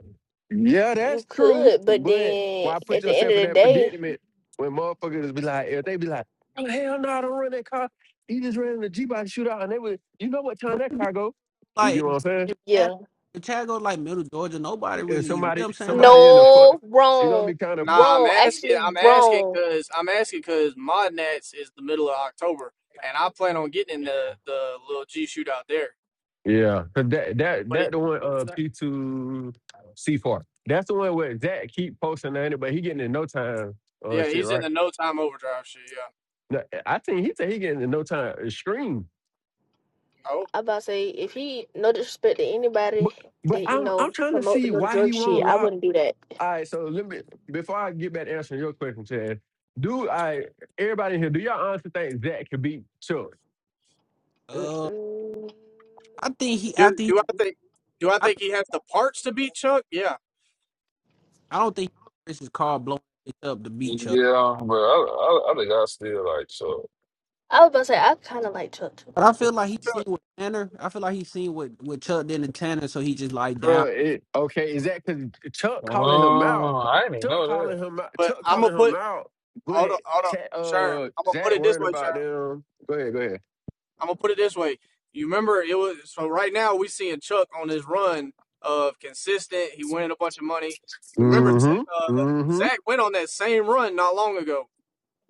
S15: Yeah, that's
S17: You
S15: true.
S17: could, but
S15: But
S17: then
S15: why put
S17: at the end
S15: yourself
S17: of
S15: in
S17: the
S15: that
S17: day,
S15: predicament when motherfuckers be like, if they be like, oh, hell no, I don't run that car. He just ran in the G-Body shootout and they would, you know what time that car go. You get
S3: like,
S15: what I'm saying?
S3: if Tag
S17: yeah.
S3: if Tag goes like middle Georgia, nobody
S15: And
S3: really even, you know what
S15: somebody,
S3: I'm saying? Nobody.
S15: somebody in the fuck,
S17: No,
S15: it's gonna
S17: wrong.
S15: be kind of
S5: Nah, I'm
S17: Wrong.
S5: asking.
S17: Actually
S5: I'm asking
S17: wrong.
S5: because I'm asking because Mod Nats is the middle of October, and I plan on getting in the the little G shootout there.
S15: yeah. 'Cause that that
S5: But
S15: that
S5: it,
S15: the one uh P two C four. That's the one where Zach keep posting on it, but he getting in no time uh
S5: yeah,
S15: shit
S5: he's in
S15: right.
S5: the no time overdrive shit. Yeah.
S15: No, I think he said he getting in no time uh, screen.
S5: Oh,
S17: I about to say if he no disrespect to anybody
S15: But but
S17: that, you
S15: I'm I'm
S17: know,
S15: trying to
S17: promote the
S15: see
S17: new
S15: why
S17: drug
S15: he
S17: shit,
S15: won't
S17: I
S15: lock.
S17: wouldn't do that.
S15: All right, so let me before I get back to answering your question, Chad. Do I everybody here? Do y'all honestly think Zach could beat Chuck?
S3: Uh,
S17: Mm-mm.
S3: I think he,
S5: do
S3: after he,
S5: do I think do I
S3: I
S5: think
S3: think,
S5: he has the parts to beat Chuck? Yeah,
S3: I don't think Chris is called blowing it up the beach
S14: Yeah, but I I, I think I still like so.
S17: I was about to say I kinda like Chuck too.
S3: But I
S17: me
S3: feel like
S17: personally.
S3: he seen with Tanner. I feel like he seen what what Chuck did to Tanner, so he just like
S15: Bro,
S3: down.
S15: it, okay, is that because Chuck calling him out?
S14: Oh, I didn't even
S15: Chuck
S14: know that.
S15: calling him out.
S5: but
S15: Chuck
S5: I'm gonna
S15: calling
S5: put
S15: him out.
S5: Hold
S15: But
S5: up, hold up,
S15: Ta-
S5: Sherm.
S15: uh,
S5: I'm gonna put
S15: Zach
S5: it this
S15: worrying
S5: way,
S15: about
S5: Sherm.
S15: them. Go ahead, go ahead.
S5: I'm gonna put it this way. You remember it was so right now we seeing Chuck on his run of consistent. He winning a bunch of money. You remember T- uh,
S15: Mm-hmm. Mm-hmm.
S5: Zach went on that same run not long ago,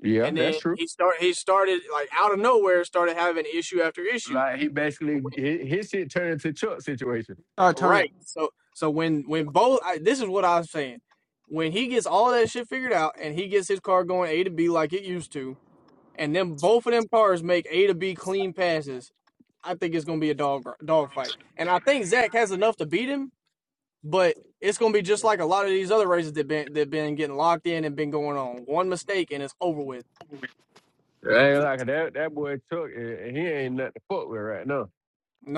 S15: Yeah,
S5: and
S15: that's
S5: then
S15: true.
S5: he start he started like out of nowhere started having issue after issue.
S15: Like he basically his, his shit turned into Chuck situation.
S3: Started turning,
S5: Right. So so when when both I, this is what I was saying. When he gets all that shit figured out and he gets his car going A to B like it used to, and them both of them cars make A to B clean passes, I think it's gonna be a dog dog fight. And I think Zach has enough to beat him, but it's gonna be just like a lot of these other races that been that been getting locked in and been going on. One mistake and it's over with.
S15: I Ain't
S3: but
S15: like that. That boy Chuck, eh, he ain't nothing to fuck with right now.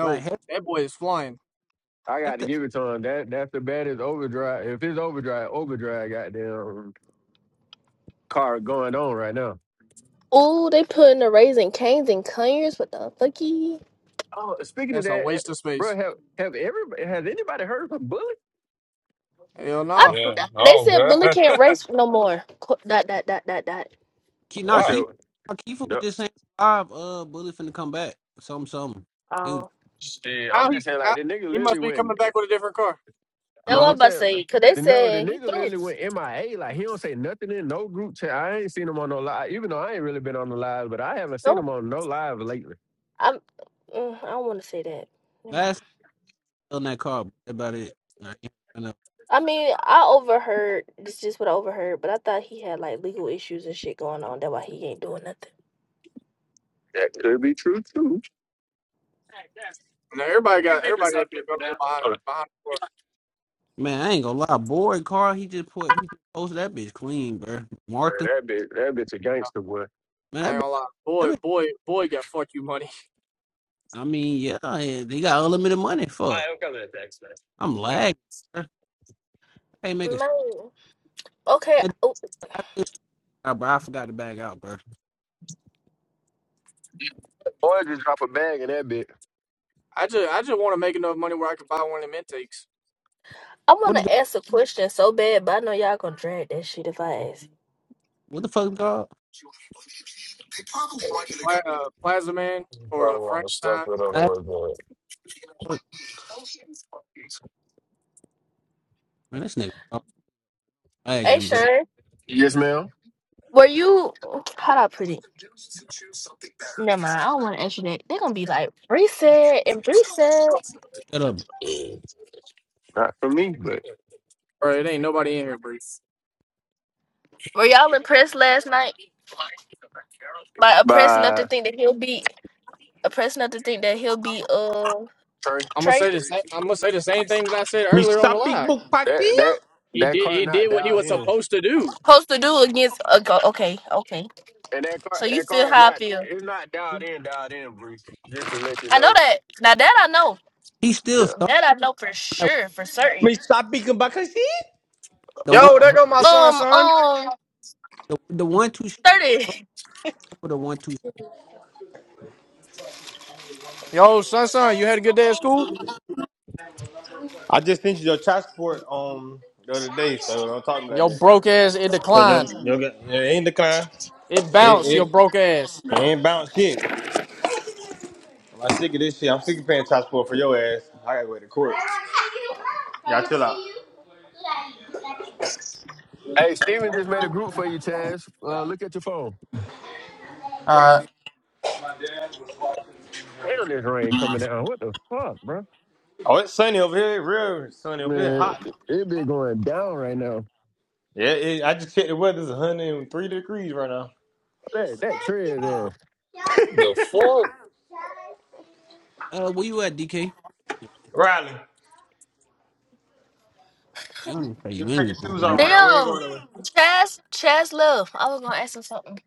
S3: like heck,
S5: that boy is flying.
S15: I got
S3: if
S15: to
S3: the
S15: give it to him. That that's the baddest overdrive. If it's overdrive, overdrive, goddamn car going on right now.
S17: Ooh, they putting the raising canes and conyers. What the fucky?
S15: Oh, speaking of
S5: That's a
S15: that, eh,
S5: waste of
S15: bro,
S5: space.
S15: have have everybody has anybody heard from Bullet?
S5: Hell
S17: I,
S5: no.
S14: Yeah.
S17: they
S14: Oh
S17: said bully
S14: God.
S17: can't race no more. Co- Dot dot dot dot dot.
S3: Ke-
S15: You
S3: nah,
S15: said
S14: wow.
S3: Keith, nah, Keith was
S15: no.
S3: just saying live. Uh, Bully finna come back. Something, something. He was,
S17: Oh,
S15: Shit, I'm
S5: How he
S15: just saying like
S5: how,
S15: the nigga
S5: he
S15: literally
S5: must be
S15: went.
S5: coming
S15: eh,
S5: back with a different car.
S3: I
S17: that what I
S15: No,
S17: was
S15: I'm
S3: don't
S17: about to
S15: saying. the-
S17: say. Cause they
S15: No, the
S17: said he
S15: nigga
S17: threw it.
S15: literally went MIA. Like he don't say nothing in no group chat. I ain't seen him on no live, even though I ain't really been on the live, but I haven't seen
S17: So
S15: him on no live lately.
S17: I'm. mm, I don't want to say that. Never mind.
S3: last time I was in that car. That's about it. I ain't gonna-
S17: I mean, I overheard. This is just what I overheard, but I thought he had like legal issues and shit going on. That's why he ain't doing nothing.
S15: That could be true too.
S5: Now everybody got everybody got shit going on behind behind the course.
S3: man, I ain't gonna lie. Boy, car. He just put he just posted that bitch clean, bro. Martha,
S15: Man, that bitch, that bitch a gangster boy.
S3: man,
S5: I
S3: that
S5: ain't
S3: bitch.
S5: gonna lie.
S3: That
S5: Boy,
S3: bitch
S5: boy, boy got fuck you money.
S3: I mean, yeah, yeah, they got unlimited money.
S15: I,
S3: Fuck, I'm lagging. Bro. I ain't make a
S17: Man, okay.
S3: stand.
S17: oh,
S3: I did- I- bro, I forgot to back out, bro.
S15: boy, just drop a bag in that bitch.
S5: I just I just wanna make enough money where I can buy one of them intakes.
S17: I want
S3: What did
S17: to
S3: that,
S17: ask a question so bad, but I know y'all gonna drag that shit if I ask.
S3: what the fuck is called?
S5: Pla- uh, Plaza Man or a
S14: Probably on the stuff
S5: Frankenstein,
S14: that on the
S3: I,
S14: way,
S3: man, this nigga stop
S17: Hey,
S3: lagging, bro.
S17: Sharon,
S15: Yes, ma'am.
S17: were you? How do I put it? Never mind. I don't want to ask you that. They're gonna be like reset and reset.
S3: Shut up.
S15: Not for me, but
S5: or it ain't nobody in here, Bree.
S17: Were y'all impressed last night? Like oppressed enough to
S15: by
S17: think that he'll beat? Oppressed enough to think that he'll beat uh
S15: Trey.
S5: I'm gonna
S17: Trey?
S5: say the same. I'm gonna say the same thing that I said
S20: Me
S5: earlier on the
S20: stop big
S5: live.
S20: book pocket.
S15: That that
S5: He
S15: that
S5: did.
S15: car
S5: He
S15: not
S5: did what he
S15: dialed
S5: was
S15: in,
S5: supposed to do.
S17: supposed to do against a go- okay, okay.
S15: and that car
S17: So you
S15: that
S17: feel
S15: car is
S17: how I
S15: not
S17: feel.
S15: it's not dialed in, dialed in, Bree. Just to let you
S17: I know
S15: know.
S17: that. Now that I know.
S3: He
S15: Yeah.
S3: still stop
S17: That I know for sure, for certain.
S20: Me stop big book pocket.
S3: the one
S5: Yo, there
S15: Uh,
S5: go my son,
S17: Um,
S5: son.
S17: um,
S3: the, the one two shit
S17: 30.
S3: for the one two.
S5: Yo, son, son, you had a good day at school.
S20: I just sent you your passport um the other day, so don't talk to me like
S5: Yo,
S20: that.
S5: broke ass, it
S20: Cause your
S5: declined.
S20: your it ain't declined.
S5: It
S20: It
S5: bounced. Your
S20: it,
S5: broke ass.
S20: it ain't bounce shit. I'm sick of this shit. I'm sick of paying transport for your ass. I gotta go to court. Y'all chill out.
S15: hey, Steven just made a group for you, Chaz. Uh, look at your phone. Damn, this rain coming down. What the fuck, bro?
S20: Oh, it's sunny over here. Real sunny over here.
S15: Man,
S20: Hot.
S15: it be going down right now.
S20: Yeah, it, I just checked the weather. It's 103 degrees right now.
S15: That that tree is there.
S14: but what the fuck?
S3: Uh, where you at, DK?
S20: Riley,
S3: You don't tell
S20: you
S3: you
S20: can take your
S3: anything.
S20: shoes off around. We ain't
S17: Damn.
S20: going nowhere.
S17: Chaz, Chaz Love. I was gonna ask him something.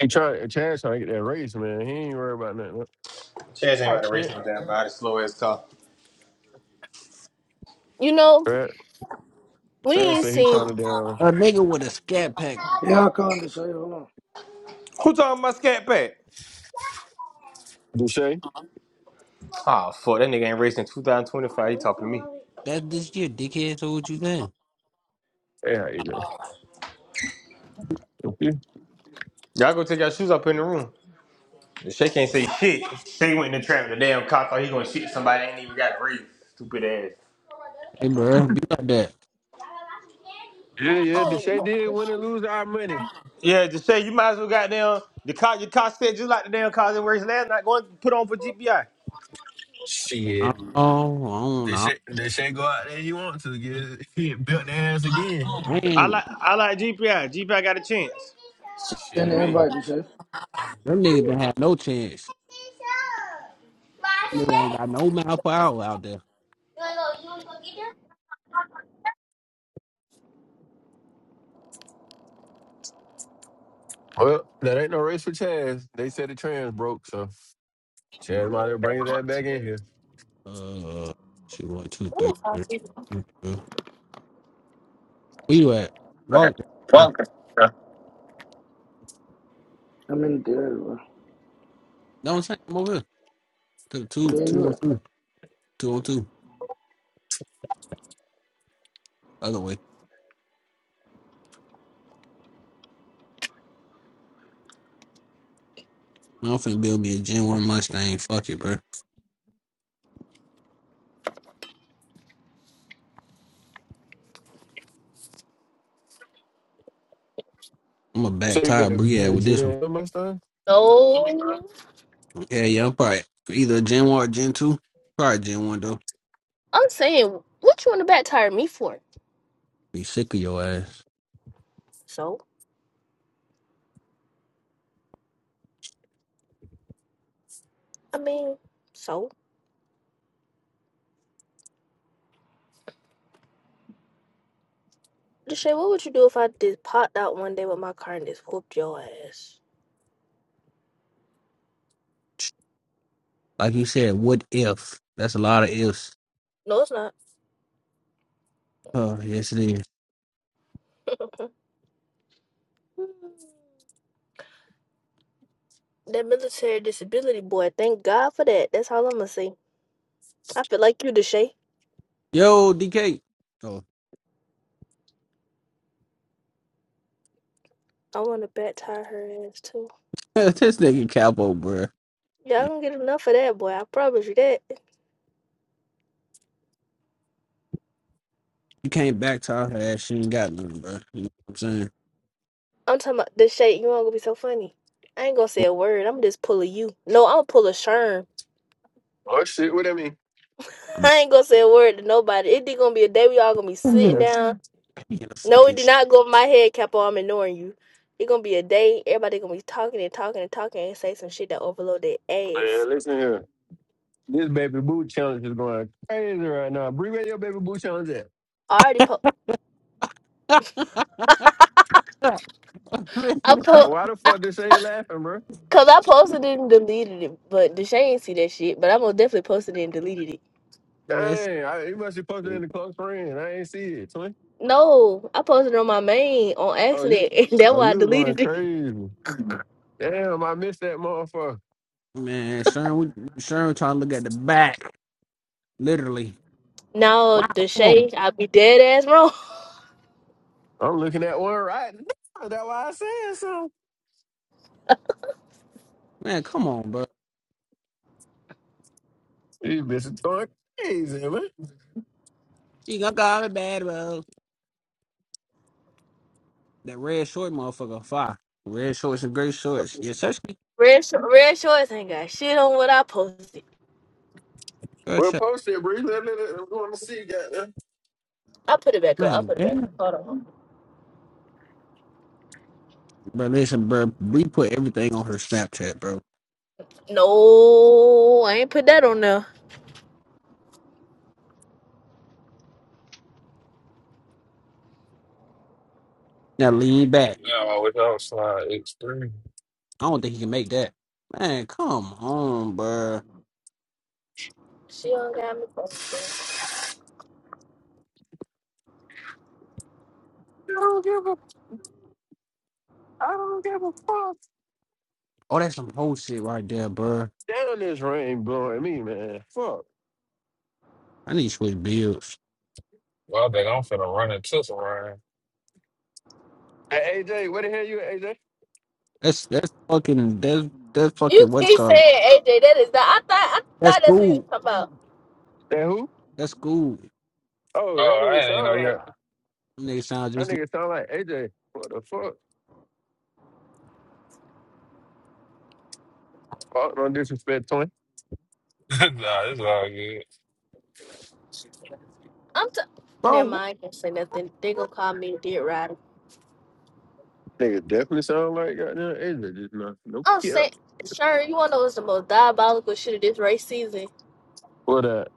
S15: He trying, Chaz trying to get that race, man. He ain't worried about nothing.
S20: Chaz ain't about
S17: Type
S20: to race
S17: shit.
S20: no damn body. Slow as talk.
S17: You know,
S15: Right?
S17: we
S15: Stan
S17: ain't
S15: said he
S17: seen
S15: trying to down
S3: A nigga with a scat pack.
S18: Yeah, I'll call him, Deshae. Hold on.
S20: Who talking about scat pack?
S15: Deshae.
S20: Ah, fuck. That nigga ain't racing 2025. He talking to me.
S3: That's this year, dickhead. So what you saying?
S15: Yeah, you know.
S20: Y'all go take your shoes up in the room. Shay can't say shit. Shay went in the trap with the damn cop. Thought he gonna shoot somebody. Ain't even got a race. Stupid ass.
S3: Hey, bro, be like that.
S15: Yeah,
S17: I
S15: yeah.
S17: don't really
S15: Deshae
S17: know.
S15: did
S17: Let
S15: win and lose our money.
S20: Yeah, just say you might as well goddamn the car your car said just like the damn cars that race last night. Going to put on for GPI.
S3: Oh,
S15: Shit.
S3: I don't know.
S15: Deshae, Deshae go out there. he want to get get built their ass again?
S3: I
S20: I I
S3: ain't
S20: like I like GPI. GPI got a chance.
S18: Send
S15: Shitting
S3: man.
S18: the
S15: me.
S18: invite, Deshae.
S3: Them niggas don't have no chance. Them niggas ain't got no mouth power out there.
S15: Well, that ain't no race for Chaz. They said the trans broke, so
S3: Yeah.
S15: Chaz might have bring that back in here.
S3: Uh, she one two three.
S17: me talk to you.
S3: three. Where you at? Walk. Yeah.
S18: I'm in the theater, bro.
S3: No, I'm saying I'm over here. Two, two,
S18: Where
S3: two
S18: you at?
S3: on two. Two on two. Other way. Man, I'm finna build me a Gen 1 Mustang. Fuck it, bro. I'm a
S15: So
S3: back
S15: you
S3: tire
S15: gonna build
S3: Briad
S15: a
S3: with this one.
S15: gym with my son?
S17: No.
S3: Yeah, yeah, I'm probably either a Gen 1 or Gen 2. Probably Gen 1, though.
S17: I'm saying, what you wanna back tire me for?
S3: Be sick of your ass.
S17: So? I mean, so? Deshae, what would you do if I just popped out one day with my car and just whooped your ass?
S3: Like you said, what if? That's a lot of ifs.
S17: No, it's not.
S3: Oh, yes, it is.
S17: that military disability boy, thank God for that. That's all I'm gonna say. I feel like you, Deshay.
S3: Yo, DK. Oh,
S17: I want to bat tire her ass too.
S3: this nigga Capo, bro.
S17: Y'all gonna get enough of that boy. I promise you that.
S3: You can't back tire her ass. She ain't got nothing, bro. You know what I'm saying?
S17: I'm talking about Deshay. You ain't gonna be so funny. I ain't gonna say a word. I'm just pull a you. No, I'm gonna pull a sherm.
S15: Oh shit, what that mean?
S3: I'm
S17: I ain't gonna say a word to nobody. It did gonna be a day we all gonna be
S3: gonna
S17: sitting
S3: get
S17: down.
S3: a, get a
S17: No, it
S3: fucking
S17: did not go over my head, Capo. I'm ignoring you. It gonna be a day. Everybody gonna be talking and talking and talking and say some shit that overload their ass.
S15: Man, listen here. This baby boot challenge is going crazy right now. Brie, where your baby boot challenge at?
S17: I already po- I po-
S15: Why the
S17: I,
S15: fuck Deshae laughing, bro?
S17: cause I posted it and deleted it, but Deshane see that shit. But I'm gonna definitely posted it and deleted it.
S3: shot.
S15: Dang, I, you must be posted in the close friend. I ain't see it, twin.
S17: No, I posted it on my main on
S15: Oh, you,
S17: accident, and that's
S15: oh,
S17: why I
S15: you was going
S17: deleted it.
S15: crazy. Damn, I missed that motherfucker.
S3: Man, Sharon, we, Sharon trying to look at the back, literally.
S17: No,
S3: Wow, come on,
S17: Deshane, I be dead ass wrong.
S15: I'm looking at one right now. That's why I said so.
S3: man, come on, bro.
S15: These bitches going crazy, man.
S3: She got got it bad, bro. That red short, motherfucker, fire. Red shorts and gray shorts. Yeah, Sesame,
S17: Red, Sh- Red Shorts ain't got shit on what I posted.
S3: girl,
S15: Well,
S3: shut.
S15: post it, Bree. Let, let, let, I'm going to see. Goddamn.
S17: I put it back up. I
S3: Man,
S17: put it back
S3: damn.
S17: up. Hold on.
S3: bro, listen, bro, we put everything on her Snapchat, bro.
S17: No, I ain't put that on there.
S3: Now lean back.
S14: Yeah, I wish I was slide X three.
S3: I don't think he can make that. Man, come on, bro.
S17: She don't got me posted.
S15: I don't give a, I don't give a fuck.
S3: Oh, that's some whole shit right there, bro.
S15: Damn, this rain blowing me, man. Fuck.
S3: I need to switch bills.
S14: Well, I think I'm finna run into some rain.
S15: Hey, AJ, where the hell you, at, AJ?
S3: That's that's fucking that's that's
S17: You
S3: fucking what's
S17: keep
S3: called.
S17: saying AJ. That is not. I thought. I
S3: That's
S17: thought that's who you was
S3: cool.
S17: talking about.
S15: That who?
S3: That's cool.
S15: Oh, that
S14: Oh, I
S15: nigga
S14: ain't even know
S15: sound
S14: yet.
S15: like,
S3: Them sound
S15: that
S3: just like
S15: nigga sound like AJ. What the fuck? Fuck, don't disrespect, twin.
S14: nah, it's
S17: I'm t-
S3: bro.
S17: never
S3: What?
S17: mind. I can't say nothing. They gonna call me a dead rider.
S15: Nigga definitely sound like goddamn Adrian. Just not, no
S17: I'm
S15: care.
S17: saying, sure. You wanna know what's the most diabolical shit of this race season?
S15: What that?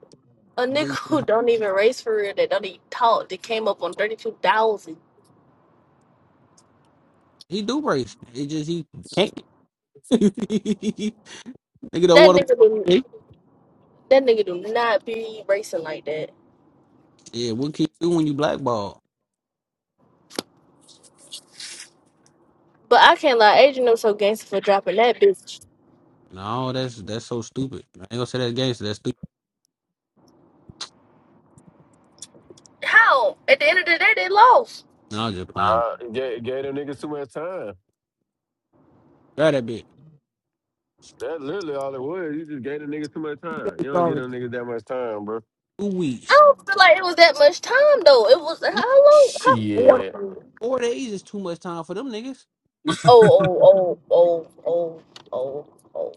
S17: A
S3: But
S17: nigga
S3: he,
S17: who don't even race for real, that don't even talk, that came up on thirty two thousand.
S3: do race. It just he can't. Nigga don't
S17: That
S3: want
S17: nigga do
S3: to.
S17: that nigga do not be racing like that.
S3: Yeah, what can you do when you blackball?
S17: But I can't lie, Adrian was so gangster for dropping that bitch.
S3: No, that's that's so stupid. I ain't gonna say that gangster. That's stupid.
S17: How? At the end of the day, they lost.
S3: No, I was just playing.
S15: Nah, it gave, it gave them niggas too much time.
S3: Grab that
S15: That's literally all it was. You just gave them niggas too much time. You don't give
S3: bitch.
S15: them niggas that much time, bro.
S3: Two
S17: I
S3: weeks.
S17: don't feel like it was that much time though. It was how long?
S3: Four,
S15: Shit.
S17: How?
S3: four days is too much time for them niggas.
S17: Oh, oh, oh, oh, oh, oh, oh.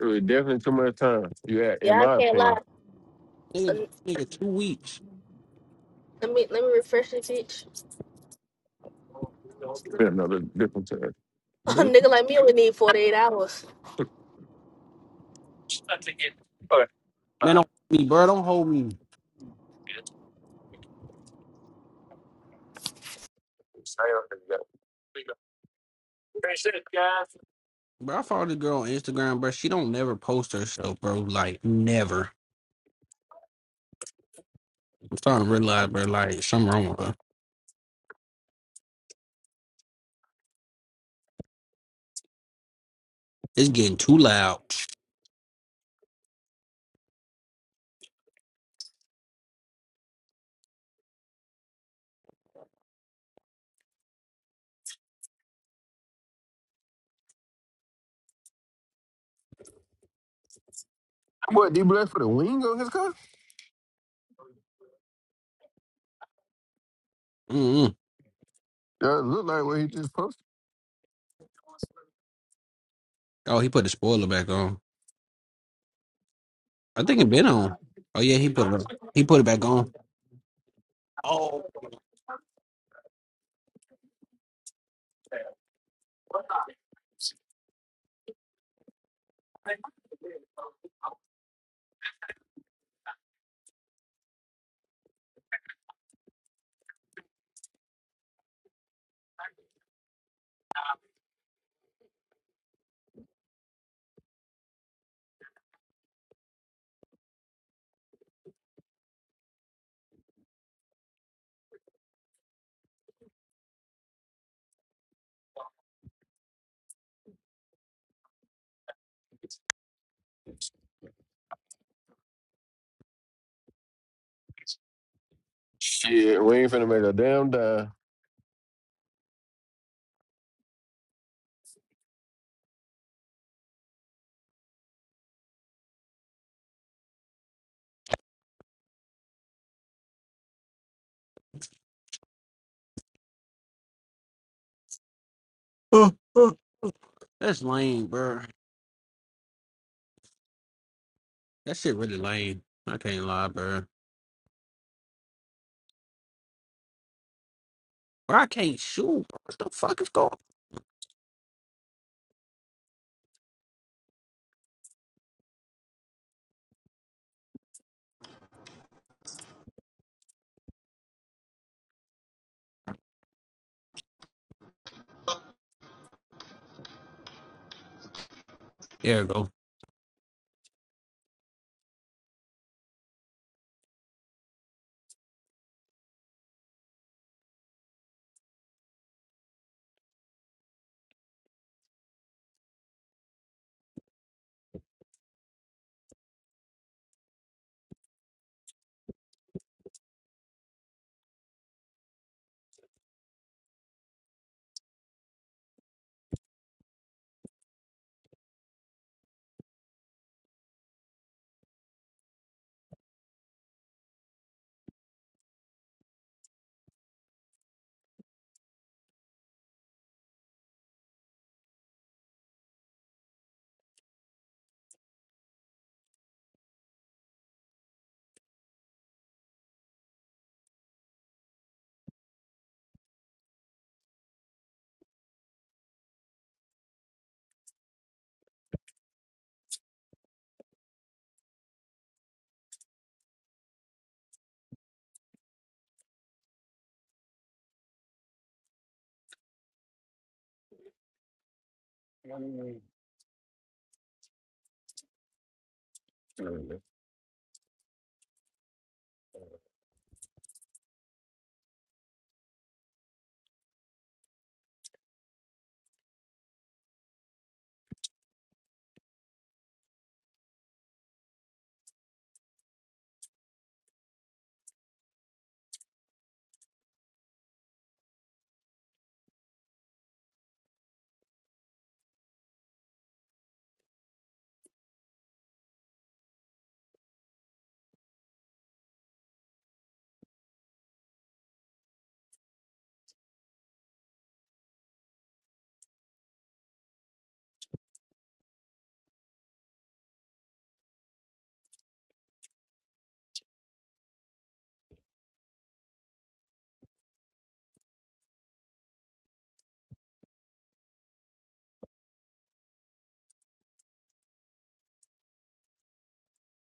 S15: It was definitely too much time. You had, in
S17: Yeah, I
S15: my
S17: can't lie.
S15: opinion.
S3: Nigga,
S17: Uh,
S3: nigga, two weeks.
S17: Let me let me refresh this bitch.
S15: Been another different time.
S17: A
S3: Bro,
S17: nigga like me only need forty eight hours.
S3: man, don't hold me, bro. Don't hold me, bro. I follow this girl on Instagram, bro. She don't never post herself, bro. Like never. I'm starting to realize, bro. Like something wrong with her. It's getting too loud.
S15: What, D Black for the wing on his car?
S3: Mm-mm.
S15: That look like what he just posted.
S3: Oh, he put the spoiler back on. I think it been on. Oh yeah, he put it on. He put it back on. Oh,
S15: Shit, we ain't finna make a damn dime.
S3: uh, uh, that's lame, bro. That shit really lame. I can't lie, bro. Bro, I can't shoot. Bro. What the fuck is going? There it go.
S14: all good.